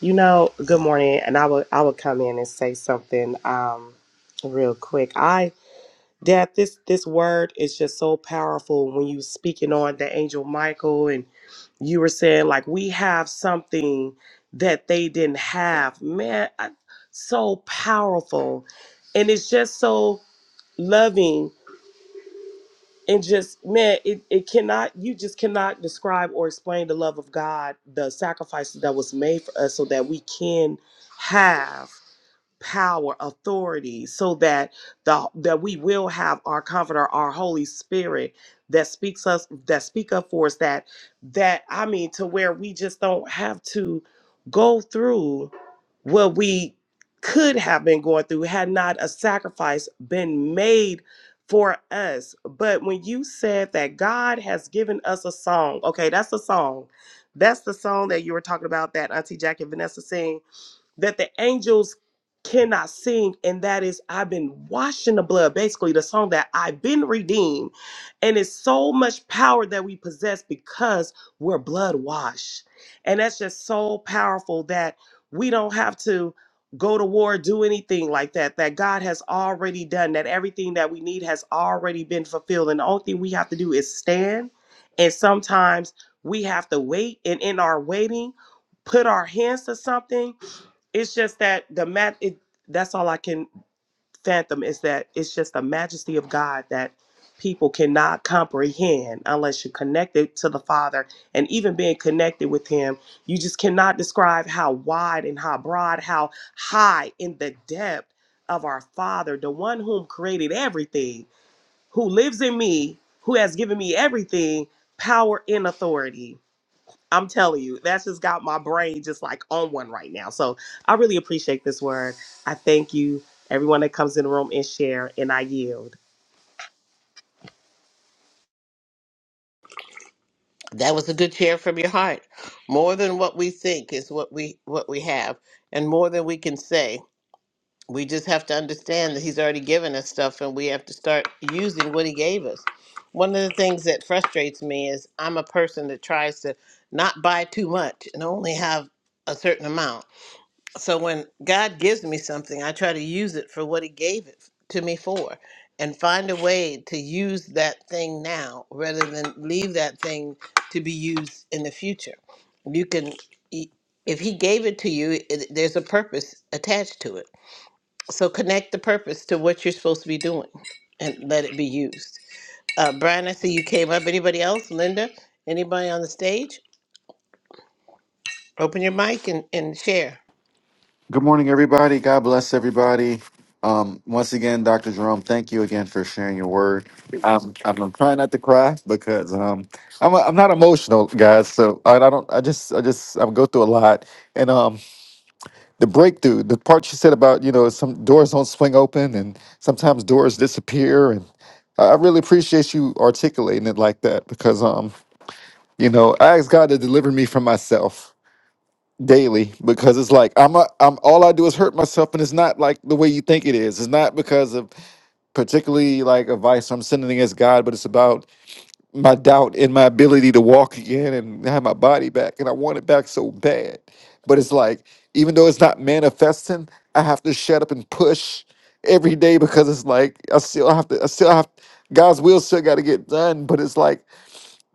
You know, good morning. And I will I will come in and say something um real quick. I Dad, this this word is just so powerful when you speaking on the angel Michael and you were saying like we have something that they didn't have. Man, I, so powerful. And it's just so loving and just man it, it cannot you just cannot describe or explain the love of god the sacrifices that was made for us so that we can have power authority so that the that we will have our comforter our holy spirit that speaks us that speak up for us that that i mean to where we just don't have to go through what we could have been going through had not a sacrifice been made for us but when you said that god has given us a song okay that's the song that's the song that you were talking about that auntie jackie and vanessa sing that the angels cannot sing, and that is, I've been washed in the blood. Basically, the song that I've been redeemed. And it's so much power that we possess because we're blood washed. And that's just so powerful that we don't have to go to war, do anything like that, that God has already done, that everything that we need has already been fulfilled. And the only thing we have to do is stand. And sometimes we have to wait. And in our waiting, put our hands to something it's just that the mat it, that's all i can fathom is that it's just the majesty of god that people cannot comprehend unless you're connected to the father and even being connected with him you just cannot describe how wide and how broad how high in the depth of our father the one whom created everything who lives in me who has given me everything power and authority I'm telling you, that's just got my brain just like on one right now. So I really appreciate this word. I thank you, everyone that comes in the room and share, and I yield.
That was a good share from your heart. More than what we think is what we what we have, and more than we can say. we just have to understand that he's already given us stuff and we have to start using what he gave us one of the things that frustrates me is i'm a person that tries to not buy too much and only have a certain amount so when god gives me something i try to use it for what he gave it to me for and find a way to use that thing now rather than leave that thing to be used in the future you can e, if he gave it to you it, there's a purpose attached to it so connect the purpose to what you're supposed to be doing and let it be used. Uh, Brian, I see you came up. Anybody else? Linda? Anybody on the stage? Open your mic and, and share.
Good morning, everybody. God bless everybody. Um, once again, Dr. Jerome, thank you again for sharing your word. Um, i am trying not to cry because um, I'm a, I'm not emotional, guys. So I, I don't. I just I just I go through a lot. And um, the breakthrough, the part you said about you know some doors don't swing open and sometimes doors disappear, and I I really appreciate you articulating it like that because um, you know, I asked God to deliver me from myself daily because it's like I'm a, I'm all I do is hurt myself and it's not like the way you think it is. It's not because of particularly like advice I'm sending against God, but it's about my doubt in my ability to walk again and have my body back and I want it back so bad. But it's like even though it's not manifesting, I have to shut up and push every day because it's like I still have to I still have God's will still got to get done, but it's like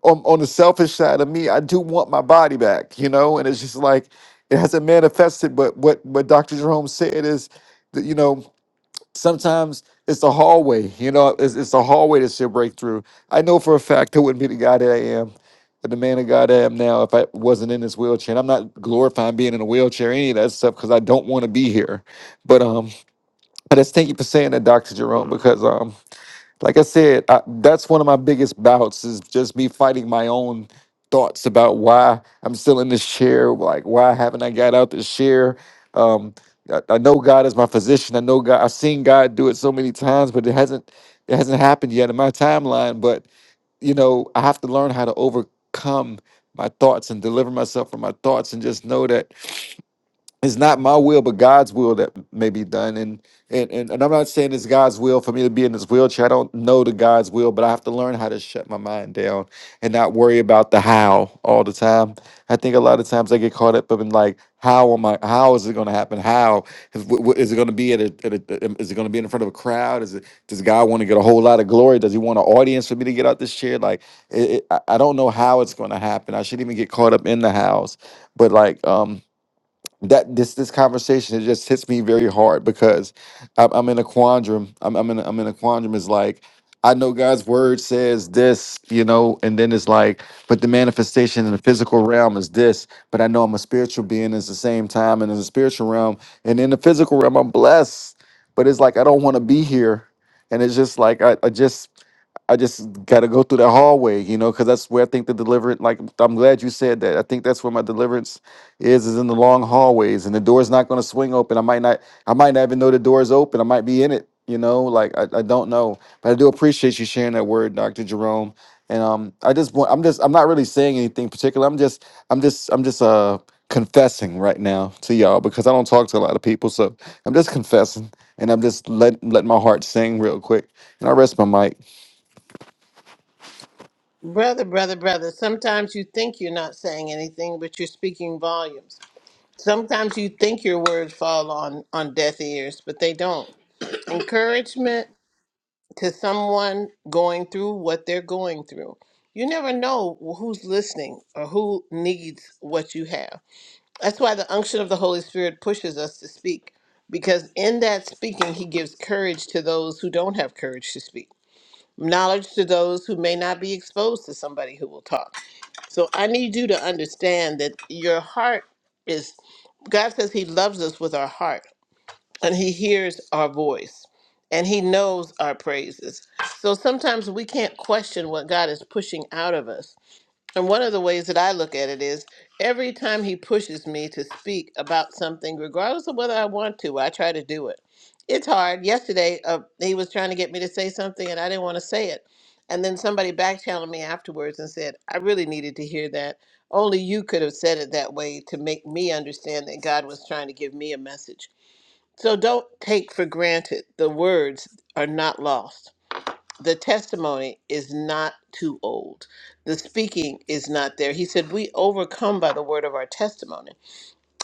on, on the selfish side of me, I do want my body back, you know, and it's just like it hasn't manifested. But what what Dr. Jerome said is that you know sometimes it's the hallway, you know, it's, it's the hallway that's your breakthrough. I know for a fact I wouldn't be the guy that I am. But the man of God I am now, if I wasn't in this wheelchair, and I'm not glorifying being in a wheelchair, any of that stuff, because I don't want to be here. But um, I just thank you for saying that, Dr. Jerome, because um, like I said, I, that's one of my biggest bouts is just me fighting my own thoughts about why I'm still in this chair. Like, why haven't I got out this chair? Um, I, I know God is my physician. I know God. I've seen God do it so many times, but it hasn't it hasn't happened yet in my timeline. But you know, I have to learn how to overcome my thoughts and deliver myself from my thoughts, and just know that it's not my will but god's will that may be done and and and, and i'm not saying it's god's will for me to be in this wheelchair i don't know the god's will but i have to learn how to shut my mind down and not worry about the how all the time i think a lot of times i get caught up in like how am i how is it going to happen how is, wh- wh- is it going to be at a, at a um, is it going to be in front of a crowd is it does god want to get a whole lot of glory does he want an audience for me to get out this chair like it, it, i I don't know how it's going to happen i shouldn't even get caught up in the hows but like um that this this conversation it just hits me very hard because I'm, I'm in a quandrum. I'm I'm in a, I'm in a quandrum. Is like I know God's word says this, you know, and then it's like, but the manifestation in the physical realm is this. But I know I'm a spiritual being at the same time, and in the spiritual realm and in the physical realm, I'm blessed. But it's like I don't want to be here, and it's just like I, I just I just got to go through that hallway, you know, because that's where I think the deliverance. Like I'm glad you said that. I think that's where my deliverance is, is in the long hallways, and the door's not going to swing open. I might not, I might not even know the door's open. I might be in it, you know. Like I, I don't know, but I do appreciate you sharing that word, Doctor Jerome. And um, I just want, I'm just, I'm not really saying anything particular. I'm just, I'm just, I'm just uh confessing right now to y'all because I don't talk to a lot of people, so I'm just confessing, and I'm just let letting my heart sing real quick, and I rest my mic.
Brother, brother, brother, sometimes you think you're not saying anything, but you're speaking volumes. Sometimes you think your words fall on, on deaf ears, but they don't. Encouragement to someone going through what they're going through. You never know who's listening or who needs what you have. That's why the unction of the Holy Spirit pushes us to speak, because in that speaking, He gives courage to those who don't have courage to speak, knowledge to those who may not be exposed to somebody who will talk. So I need you to understand that your heart is, God says He loves us with our heart, and He hears our voice, and He knows our praises. So sometimes we can't question what God is pushing out of us and one of the ways that I look at it is every time he pushes me to speak about something, regardless of whether I want to, I try to do it. It's hard. Yesterday, uh, he was trying to get me to say something and I didn't want to say it. And then somebody back channeled me afterwards and said, I really needed to hear that. Only you could have said it that way to make me understand that God was trying to give me a message. So don't take for granted the words are not lost the testimony is not too old. The speaking is not there. He said, We overcome by the word of our testimony.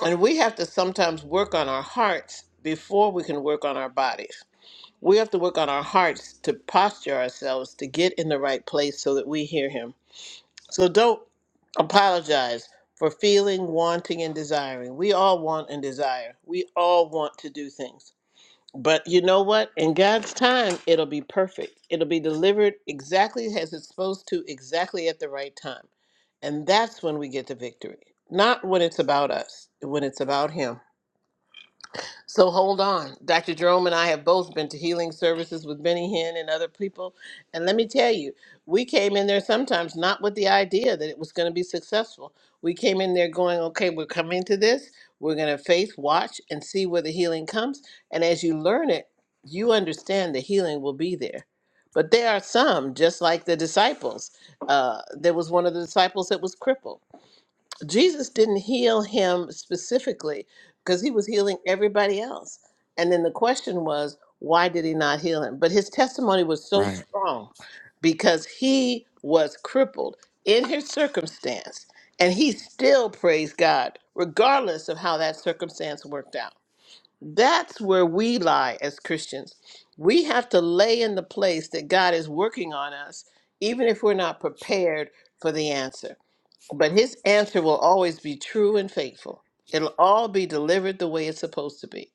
And we have to sometimes work on our hearts before we can work on our bodies. We have to work on our hearts to posture ourselves to get in the right place so that we hear him. So don't apologize for feeling, wanting, and desiring. We all want and desire, we all want to do things. But you know what? In God's time, it'll be perfect. It'll be delivered exactly as it's supposed to, exactly at the right time. And that's when we get the victory. Not when it's about us, when it's about Him. So hold on. Dr. Jerome and I have both been to healing services with Benny Hinn and other people. And let me tell you, we came in there sometimes not with the idea that it was going to be successful. We came in there going, okay, we're coming to this. We're going to faith, watch, and see where the healing comes. And as you learn it, you understand the healing will be there. But there are some, just like the disciples. Uh, there was one of the disciples that was crippled Jesus didn't heal him specifically because he was healing everybody else. And then the question was, why did he not heal him? But his testimony was so
Right.
strong because he was crippled in his circumstance and he still praised God, regardless of how that circumstance worked out. That's where we lie as Christians. We have to lay in the place that God is working on us, even if we're not prepared for the answer. But his answer will always be true and faithful. It'll all be delivered the way it's supposed to be.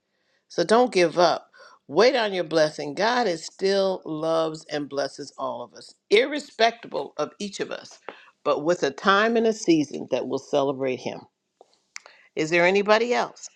So don't give up. Wait on your blessing. God is still loves and blesses all of us, irrespective of each of us, but with a time and a season that will celebrate him. Is there anybody else?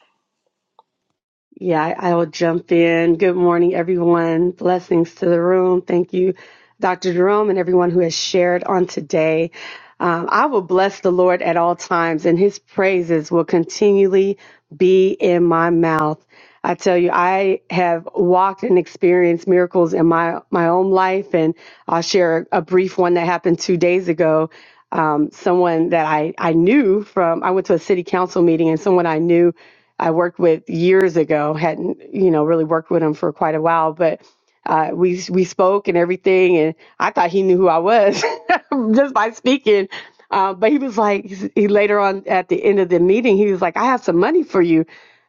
Yeah, I, I will jump in. Good morning, everyone. Blessings to the room. Thank you, Dr. Jerome, and everyone who has shared on today. Um, I will bless the Lord at all times, and his praises will continually be in my mouth. I tell you, I have walked and experienced miracles in my, my own life, and I'll share a brief one that happened two days ago. Um, someone that I, I knew from, I went to a city council meeting, and someone I knew I worked with years ago. Hadn't you know really worked with him for quite a while, but uh, we we spoke and everything, and I thought he knew who I was just by speaking. Uh, but he was like, he later on at the end of the meeting, he was like, "I have some money for you."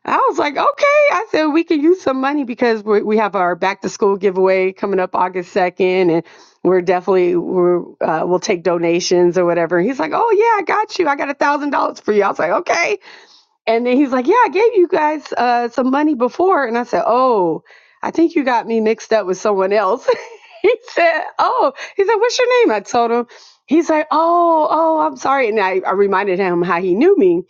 I was like, "Okay." I said, "We can use some money because we we have our back to school giveaway coming up August second, and we're definitely we're uh, we'll take donations or whatever." He's like, "Oh yeah, I got you. I got a thousand dollars for you." I was like, "Okay." And then he's like, Yeah, I gave you guys uh, some money before. And I said, Oh, I think you got me mixed up with someone else. he said, Oh, he said, What's your name? I told him. He's like, Oh, oh, I'm sorry. And I, I reminded him how he knew me.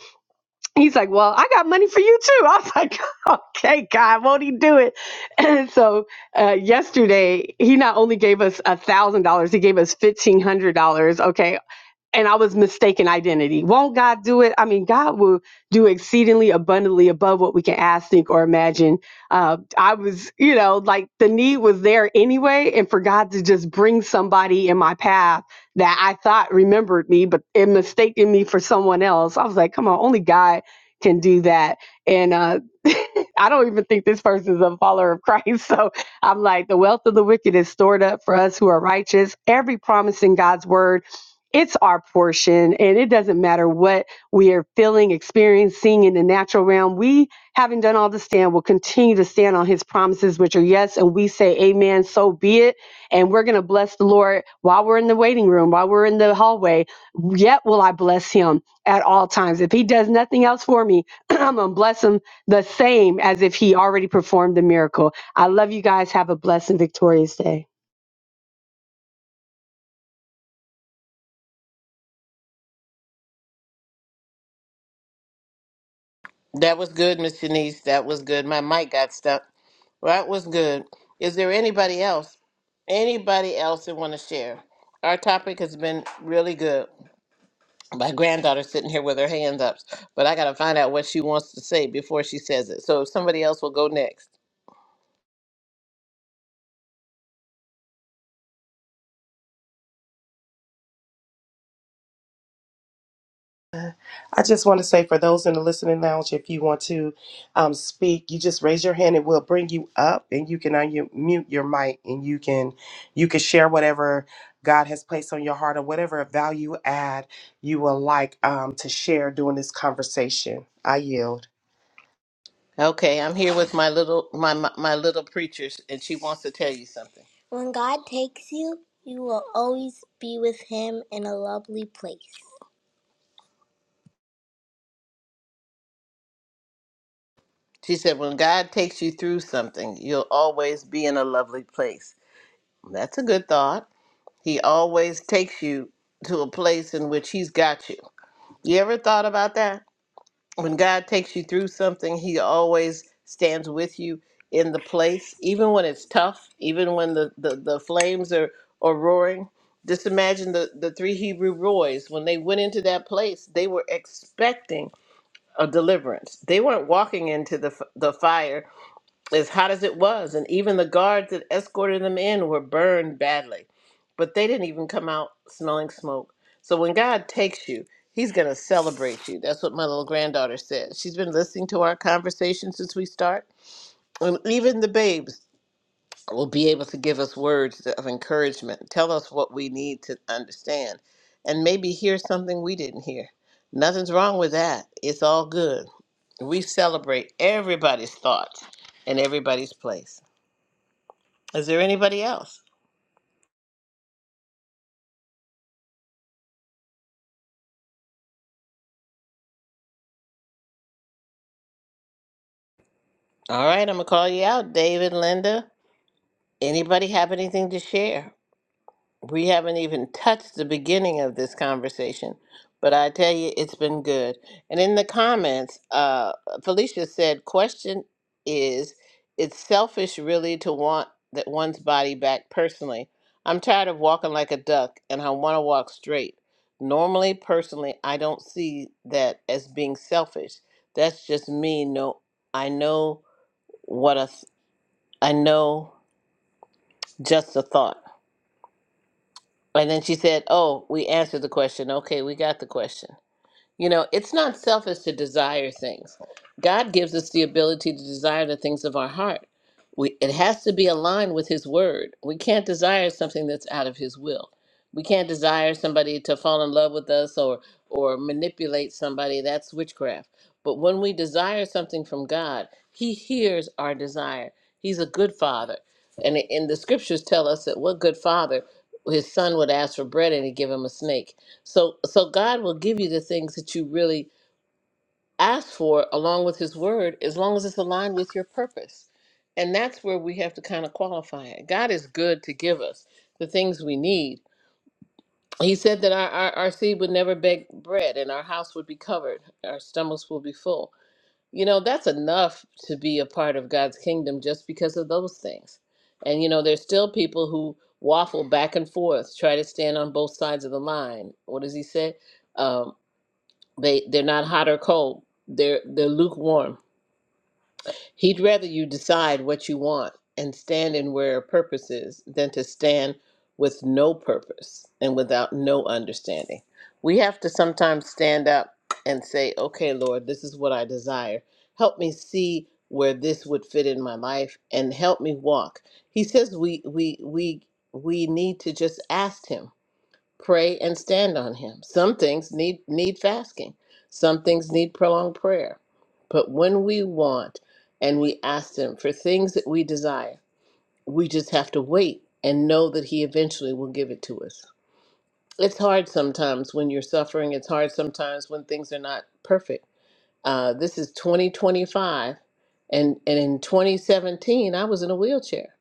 He's like, Well, I got money for you too. I was like, Okay, God, won't he do it? And so uh, yesterday, he not only gave us a $1,000, he gave us $1,500. Okay and I was mistaken identity. Won't God do it? I mean, God will do exceedingly abundantly above what we can ask, think, or imagine. Uh, I was, you know, like the need was there anyway, and for God to just bring somebody in my path that I thought remembered me, but it mistaken me for someone else. I was like, come on, only God can do that. And uh, I don't even think this person's a follower of Christ. So I'm like, the wealth of the wicked is stored up for us who are righteous. Every promise in God's word it's our portion and it doesn't matter what we are feeling experiencing in the natural realm we having done all to stand will continue to stand on his promises which are yes and we say amen so be it and we're going to bless the lord while we're in the waiting room while we're in the hallway yet will i bless him at all times if he does nothing else for me i'm going to bless him the same as if he already performed the miracle i love you guys have a blessed and victorious day
That was good, Miss Janice. That was good. My mic got stuck. That was good. Is there anybody else? Anybody else that want to share? Our topic has been really good. my granddaughter's sitting here with her hands up, but I got to find out what she wants to say before she says it. So if somebody else will go next.
I just want to say for those in the listening lounge, if you want to um, speak, you just raise your hand and we'll bring you up, and you can unmute your mic, and you can you can share whatever God has placed on your heart or whatever value add you would like um, to share during this conversation. I yield.
Okay, I'm here with my little my my, my little preachers, and she wants to tell you something. When God takes you, you will always be with Him in a lovely place. She said, "When God takes you through something, you'll always be in a lovely place." That's a good thought. He always takes you to a place in which He's got you. You ever thought about that? when God takes you through something, He always stands with you in the place, even when it's tough, even when the, the, the flames are, are roaring. Just imagine the, the three Hebrew boys, when they went into that place, they were expecting a deliverance. They weren't walking into the, f- the fire as hot as it was, and even the guards that escorted them in were burned badly. But they didn't even come out smelling smoke. So when God takes you, He's going to celebrate you. That's what my little granddaughter said. She's been listening to our conversation since we start. And even the babes will be able to give us words of encouragement, tell us what we need to understand, and maybe hear something we didn't hear. Nothing's wrong with that. It's all good. We celebrate everybody's thoughts and everybody's place. Is there anybody else? All right, I'm gonna call you out, David, Linda. Anybody have anything to share? We haven't even touched the beginning of this conversation, but I tell you, it's been good. And in the comments, uh, Felicia said, "Question is, it's selfish really to want that one's body back personally. I'm tired of walking like a duck, and I want to walk straight. Normally, personally, I don't see that as being selfish. That's just me. No, I know." What a, I know, just a thought. And then she said, "Oh, we answered the question. Okay, we got the question." You know, it's not selfish to desire things. God gives us the ability to desire the things of our heart. We, it has to be aligned with His Word. We can't desire something that's out of His will. We can't desire somebody to fall in love with us or or manipulate somebody. That's witchcraft. But when we desire something from God, He hears our desire. He's a good Father, and and the Scriptures tell us that what good Father, His Son would ask for bread and He'd give him a snake. So so God will give you the things that you really ask for along with his word as long as it's aligned with your purpose. And that's where we have to kind of qualify it. God is good to give us the things we need. He said that our, our, our seed would never beg bread and our house would be covered. Our stomachs will be full. You know, that's enough to be a part of God's kingdom just because of those things. And, you know, there's still people who waffle back and forth, try to stand on both sides of the line. What does he say? Um, they they're not hot or cold. They're they're lukewarm. He'd rather you decide what you want and stand in where your purpose is than to stand with no purpose and without no understanding. We have to sometimes stand up and say, "Okay, Lord, this is what I desire. Help me see where this would fit in my life and help me walk." He says we we we we need to just ask him pray and stand on him some things need need fasting some things need prolonged prayer but when we want and we ask him for things that we desire we just have to wait and know that he eventually will give it to us it's hard sometimes when you're suffering it's hard sometimes when things are not perfect uh, this is 2025 and and in 2017 i was in a wheelchair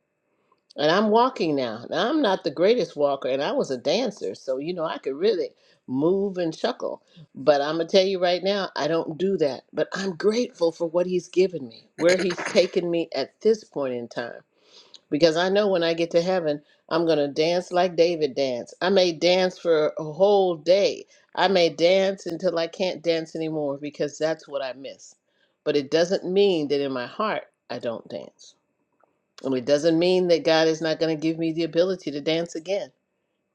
and I'm walking now. Now I'm not the greatest walker, and I was a dancer, so you know I could really move and chuckle. But I'm gonna tell you right now, I don't do that. But I'm grateful for what He's given me, where He's taken me at this point in time, because I know when I get to heaven, I'm gonna dance like David danced. I may dance for a whole day. I may dance until I can't dance anymore because that's what I miss. But it doesn't mean that in my heart I don't dance. Um, It doesn't mean that God is not going to give me the ability to dance again.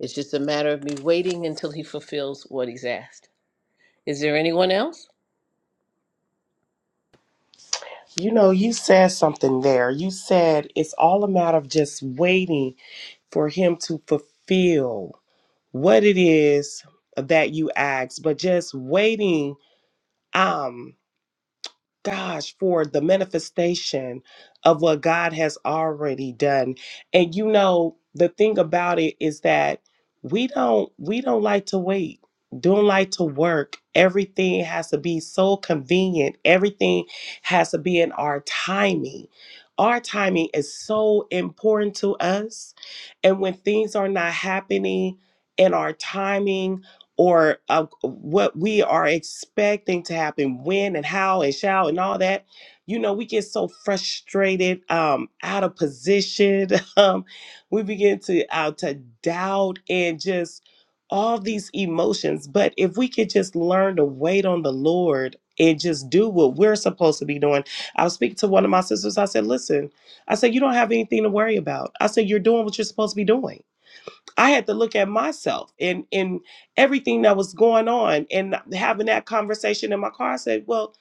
It's just a matter of me waiting until He fulfills what He's asked. Is there anyone else?
You know, you said something there. You said it's all a matter of just waiting for him to fulfill what it is that you asked, but just waiting. Um, gosh for the manifestation of what God has already done. And you know, the thing about it is that we don't we don't like to wait. Don't like to work. Everything has to be so convenient. Everything has to be in our timing. Our timing is so important to us. And when things are not happening in our timing, or uh, what we are expecting to happen when and how and shall and all that you know we get so frustrated um out of position um we begin to uh, to doubt and just all these emotions but if we could just learn to wait on the lord and just do what we're supposed to be doing i was speaking to one of my sisters i said listen i said you don't have anything to worry about i said you're doing what you're supposed to be doing I had to look at myself and and everything that was going on and having that conversation in my car. I said, well,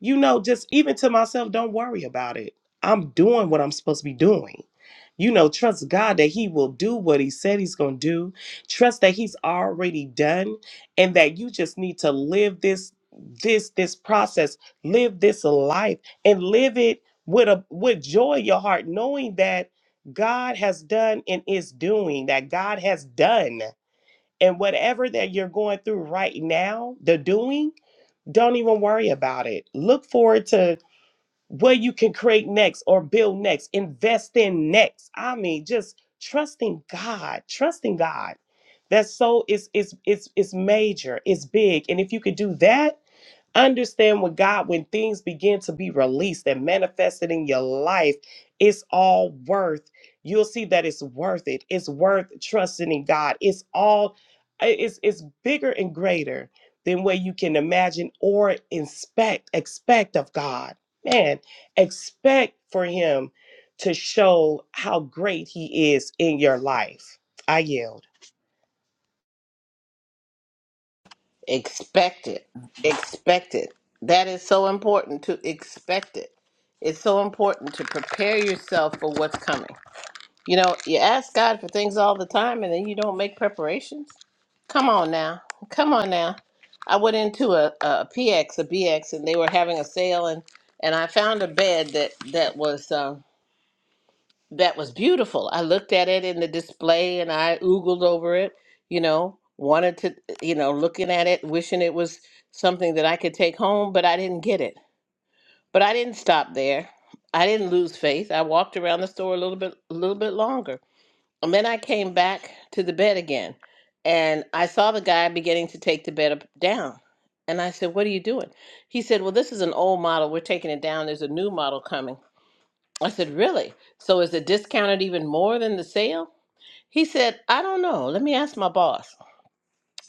you know, just even to myself, don't worry about it. I'm doing what I'm supposed to be doing. You know, trust God that He will do what He said He's going to do. Trust that He's already done, and that you just need to live this this this process, live this life, and live it with a with joy in your heart, knowing that God has done and is doing, that God has done. And whatever that you're going through right now, the doing, don't even worry about it. Look forward to what you can create next or build next, invest in next. I mean, just trusting God, trusting God. That so is is is is major, it's big. And if you could do that, Understand with God, when things begin to be released and manifested in your life, it's all worth. You'll see that it's worth it. It's worth trusting in God. It's all it's it's bigger and greater than what you can imagine or inspect, expect of God. Man, expect for him to show how great he is in your life. I yield.
Expect it. Expect it. That is so important to expect it. It's so important to prepare yourself for what's coming. You know, you ask God for things all the time and then you don't make preparations. Come on now. Come on now. I went into a, a PX, a BX, and they were having a sale and, and I found a bed that, that was uh, that was beautiful. I looked at it in the display and I oogled over it, you know, wanted to you know, looking at it, wishing it was something that I could take home, but I didn't get it. But I didn't stop there. I didn't lose faith. I walked around the store a little bit a little bit longer and then I came back to the bed again and I saw the guy beginning to take the bed up, down. And I said, What are you doing? He said, Well, this is an old model. We're taking it down. There's a new model coming. I said, Really? So is it discounted even more than the sale? He said, I don't know. Let me ask my boss.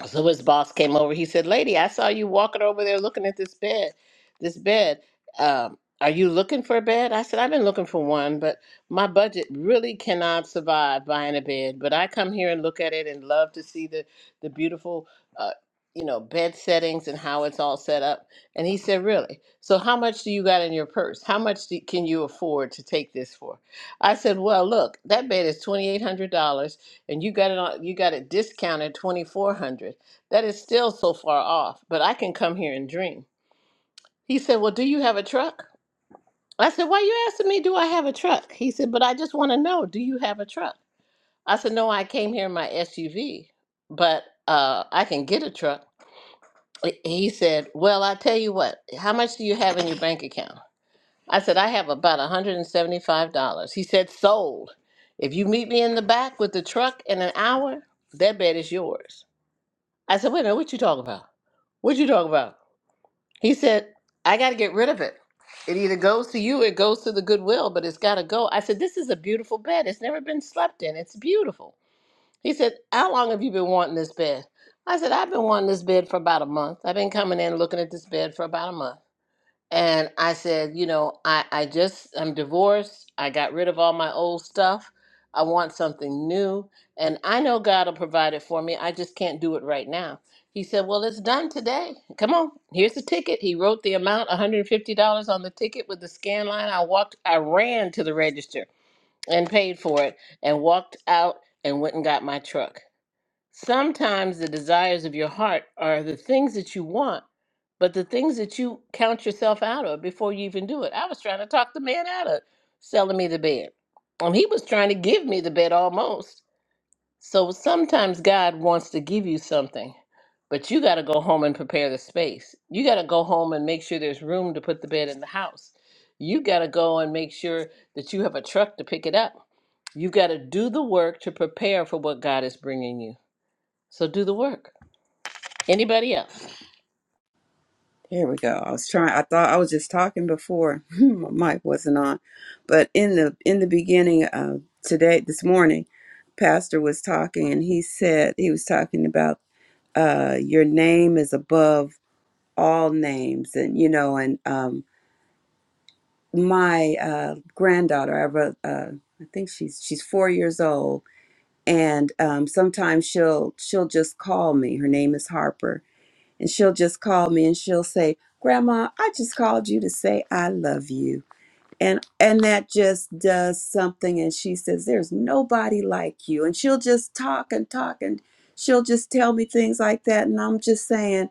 So his boss came over. He said, "Lady, I saw you walking over there looking at this bed. This bed. Um, are you looking for a bed?" I said, "I've been looking for one, but my budget really cannot survive buying a bed. But I come here and look at it and love to see the the beautiful, uh, you know, bed settings and how it's all set up." And he said, "Really? So how much do you got in your purse? How much do, can you afford to take this for?" I said, "Well, look, that bed is $2,800 and you got it on you got it discounted 2400 that is still so far off but i can come here and dream he said well do you have a truck i said why are you asking me do i have a truck he said but i just want to know do you have a truck i said no i came here in my suv but uh, i can get a truck he he said well i tell you what how much do you have in your bank account i said i have about $175 he said sold if you meet me in the back with the truck in an hour that bed is yours I said, wait a minute, what you talking about? What you talking about? He said, I got to get rid of it. It either goes to you, it goes to the Goodwill, but it's got to go. I said, this is a beautiful bed. It's never been slept in. It's beautiful. He said, how long have you been wanting this bed? I said, I've been wanting this bed for about a month. I've been coming in looking at this bed for about a month. And I said, you know, I, I just, I'm divorced. I got rid of all my old stuff. I want something new. And I know God will provide it for me. I just can't do it right now. He said, well, it's done today. Come on, here's the ticket. He wrote the amount, $150 on the ticket with the scan line. I walked, I ran to the register and paid for it and walked out and went and got my truck. Sometimes the desires of your heart are the things that you want, but the things that you count yourself out of before you even do it. I was trying to talk the man out of selling me the bed. And he was trying to give me the bed almost. So sometimes God wants to give you something, but you got to go home and prepare the space. You got to go home and make sure there's room to put the bed in the house. You got to go and make sure that you have a truck to pick it up. You got to do the work to prepare for what God is bringing you. So do the work. Anybody else?
There we go. I was trying. I thought I was just talking before my mic wasn't on, but in the in the beginning of today, this morning, Pastor was talking, and he said he was talking about uh, your name is above all names, and you know, and um, my uh, granddaughter, I have a, uh, I think she's she's four years old, and um, sometimes she'll she'll just call me. Her name is Harper, and she'll just call me and she'll say, "Grandma, I just called you to say I love you." And and that just does something. And she says, "There's nobody like you." And she'll just talk and talk and she'll just tell me things like that, and I'm just saying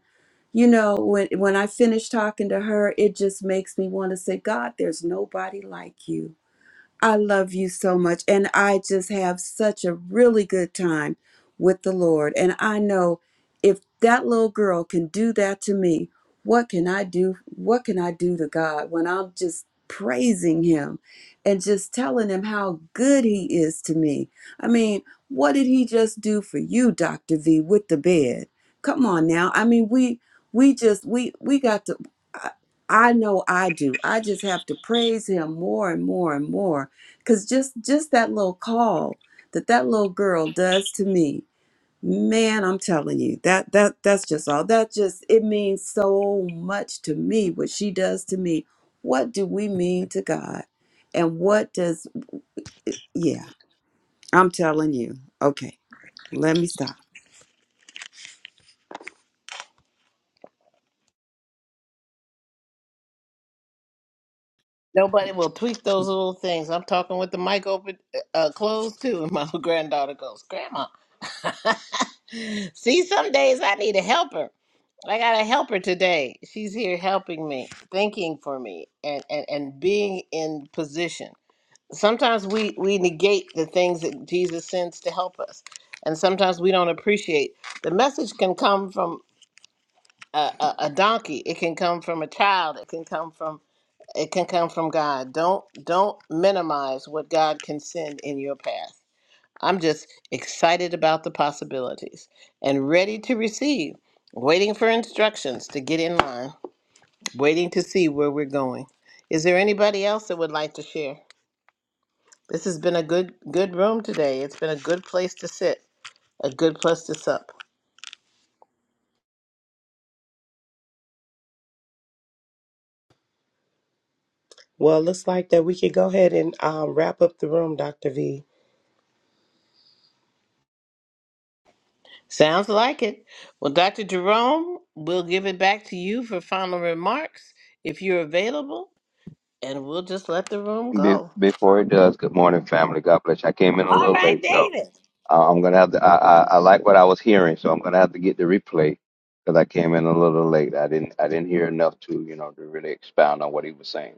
you know when when i finish talking to her it just makes me want to say god there's nobody like you I love you so much. And I just have such a really good time with the Lord. And I know if that little girl can do that to me, what can I do? What can I do to God when I'm just praising Him and just telling Him how good He is to me? I mean, what did He just do for you, Dr. V, with the bed? Come on now. I mean, we, we just, we, we got to, I, I know I do. I just have to praise Him more and more and more because just just that little call that that little girl does to me man i'm telling you that that that's just all that just it means so much to me what she does to me what do we mean to god and what does yeah i'm telling you okay let me stop
Nobody will tweak those little things. I'm talking with the mic open, uh, closed too, and my granddaughter goes, "Grandma, see, some days I need a helper. I got a helper today. She's here helping me, thinking for me, and and and being in position. Sometimes we we negate the things that Jesus sends to help us, and sometimes we don't appreciate. The message can come from a, a, a donkey. It can come from a child. It can come from It can come from God. Don't don't minimize what God can send in your path. I'm just excited about the possibilities and ready to receive, waiting for instructions to get in line, waiting to see where we're going. Is there anybody else that would like to share? This has been a good good room today. It's been a good place to sit, a good place to sup.
Well, it looks like that we could go ahead and um, wrap up the room, Dr. V.
Sounds like it. Well, Dr. Jerome, we'll give it back to you for final remarks if you're available. and we'll just let the room
Be-
go.
before it does, good morning, family. God bless you. I came in a little late, so uh, I'm gonna have to. I, I, I like what I was hearing, so I'm gonna have to get the replay because I came in a little late. I didn't I didn't hear enough to you know to really expound on what he was saying.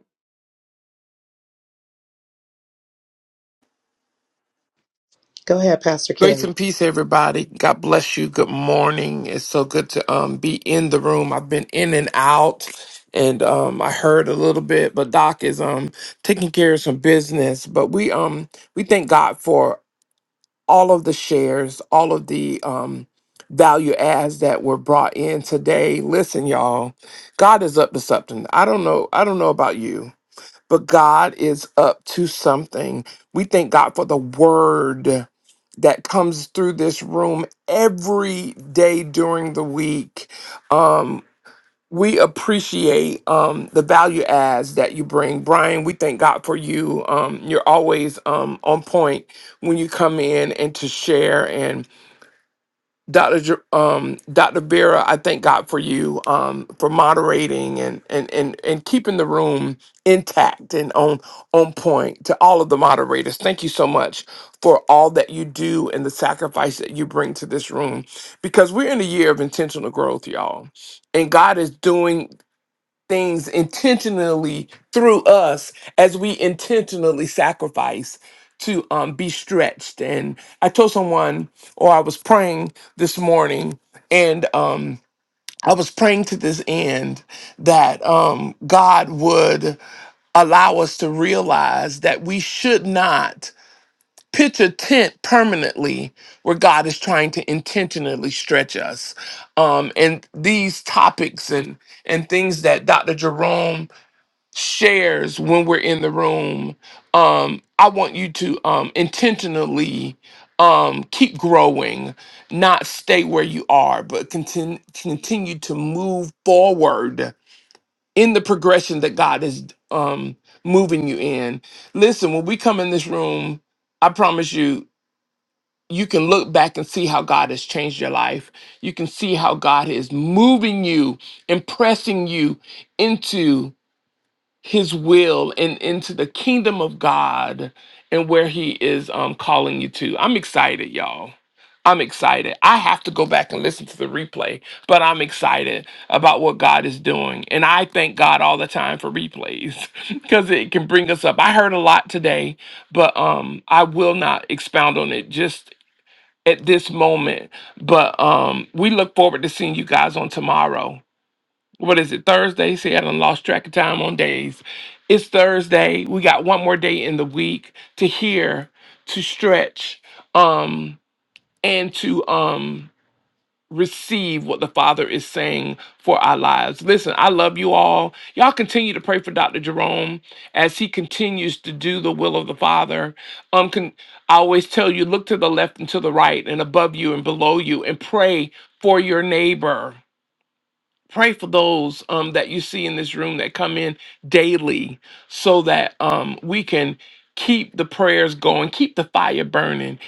Go ahead, Pastor Kim.
Grace and peace, everybody. God bless you. Good morning. It's so good to um be in the room. I've been in and out, and um I heard a little bit, but Doc is um taking care of some business. But we um we thank God for all of the shares, all of the um value adds that were brought in today. Listen, y'all, God is up to something. I don't know. I don't know about you. but God is up to something. We thank God for the word that comes through this room every day during the week. Um, we appreciate um, the value adds that you bring. Brian, we thank God for you. Um, you're always um, on point when you come in and to share. Dr. J- Um, Dr. Vera, I thank God for you um, for moderating and, and and and keeping the room intact and on on point. To all of the moderators, thank you so much for all that you do and the sacrifice that you bring to this room, because we're in a year of intentional growth, y'all, and God is doing things intentionally through us as we intentionally sacrifice to um, be stretched. And I told someone, or I was praying this morning, and um, I was praying to this end that um, God would allow us to realize that we should not pitch a tent permanently where God is trying to intentionally stretch us. Um, and these topics and and things that Dr. Jerome shares when we're in the room um i want you to um intentionally um keep growing not stay where you are but continue continue to move forward in the progression that god is um moving you in listen when we come in this room i promise you you can look back and see how god has changed your life you can see how god is moving you impressing you into his will and into the kingdom of God and where he is um calling you to. I'm excited, y'all. I'm excited. I have to go back and listen to the replay, but I'm excited about what God is doing. And I thank God all the time for replays because it can bring us up. I heard a lot today, but um I will not expound on it just at this moment. But um we look forward to seeing you guys on tomorrow what is it thursday see i done lost track of time on days it's thursday we got one more day in the week to hear to stretch um and to um receive what the father is saying for our lives listen i love you all y'all continue to pray for dr jerome as he continues to do the will of the father um con- i always tell you look to the left and to the right and above you and below you and pray for your neighbor pray for those um, that you see in this room that come in daily so that um, we can keep the prayers going keep the fire burning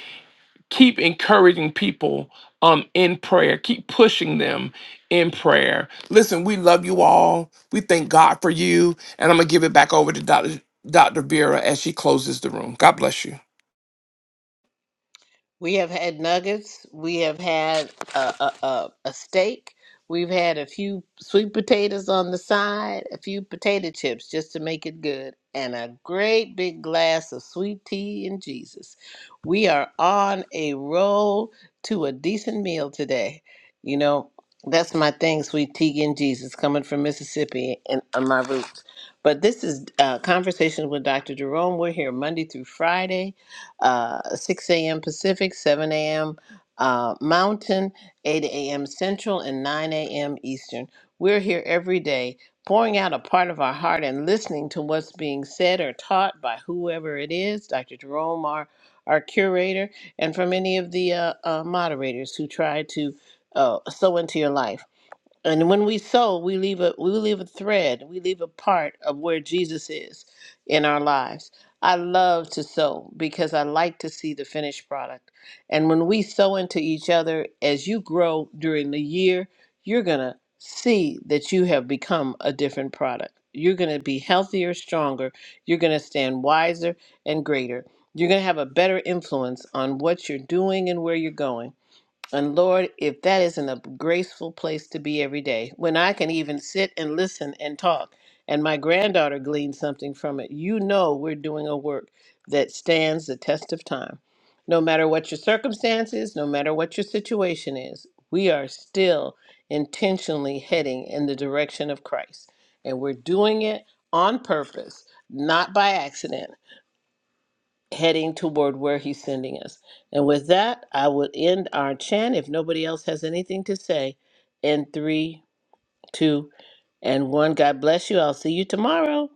keep encouraging people um, in prayer keep pushing them in prayer listen we love you all we thank god for you and i'm gonna give it back over to dr dr vera as she closes the room god bless you
We have had nuggets. We have had a, a, a, a steak. We've had a few sweet potatoes on the side, a few potato chips just to make it good, and a great big glass of sweet tea and Jesus. We are on a roll to a decent meal today. You know, that's my thing, sweet tea and Jesus, coming from Mississippi and on my roots. But this is uh, Conversations with Dr. Jerome. We're here Monday through Friday uh, 6 a.m. Pacific, 7 a.m. Uh, Mountain, 8 a.m. Central, and 9 a.m. Eastern. We're here every day pouring out a part of our heart and listening to what's being said or taught by whoever it is, Dr. Jerome, our, our curator, and from any of the uh, uh, moderators who try to uh, sow into your life. And when we sow, we leave a we leave a thread, we leave a part of where Jesus is in our lives. I love to sow because I like to see the finished product. And when we sow into each other, as you grow during the year, you're gonna see that you have become a different product. You're gonna be healthier, stronger, you're gonna stand wiser and greater. You're gonna have a better influence on what you're doing and where you're going. And Lord, if that isn't a graceful place to be every day, when I can even sit and listen and talk, and my granddaughter gleaned something from it, you know we're doing a work that stands the test of time. No matter what your circumstances, no matter what your situation is, we are still intentionally heading in the direction of Christ. And we're doing it on purpose, not by accident heading toward where he's sending us. And with that, I would end our chant if nobody else has anything to say in three, two, and one. God bless you. I'll see you tomorrow.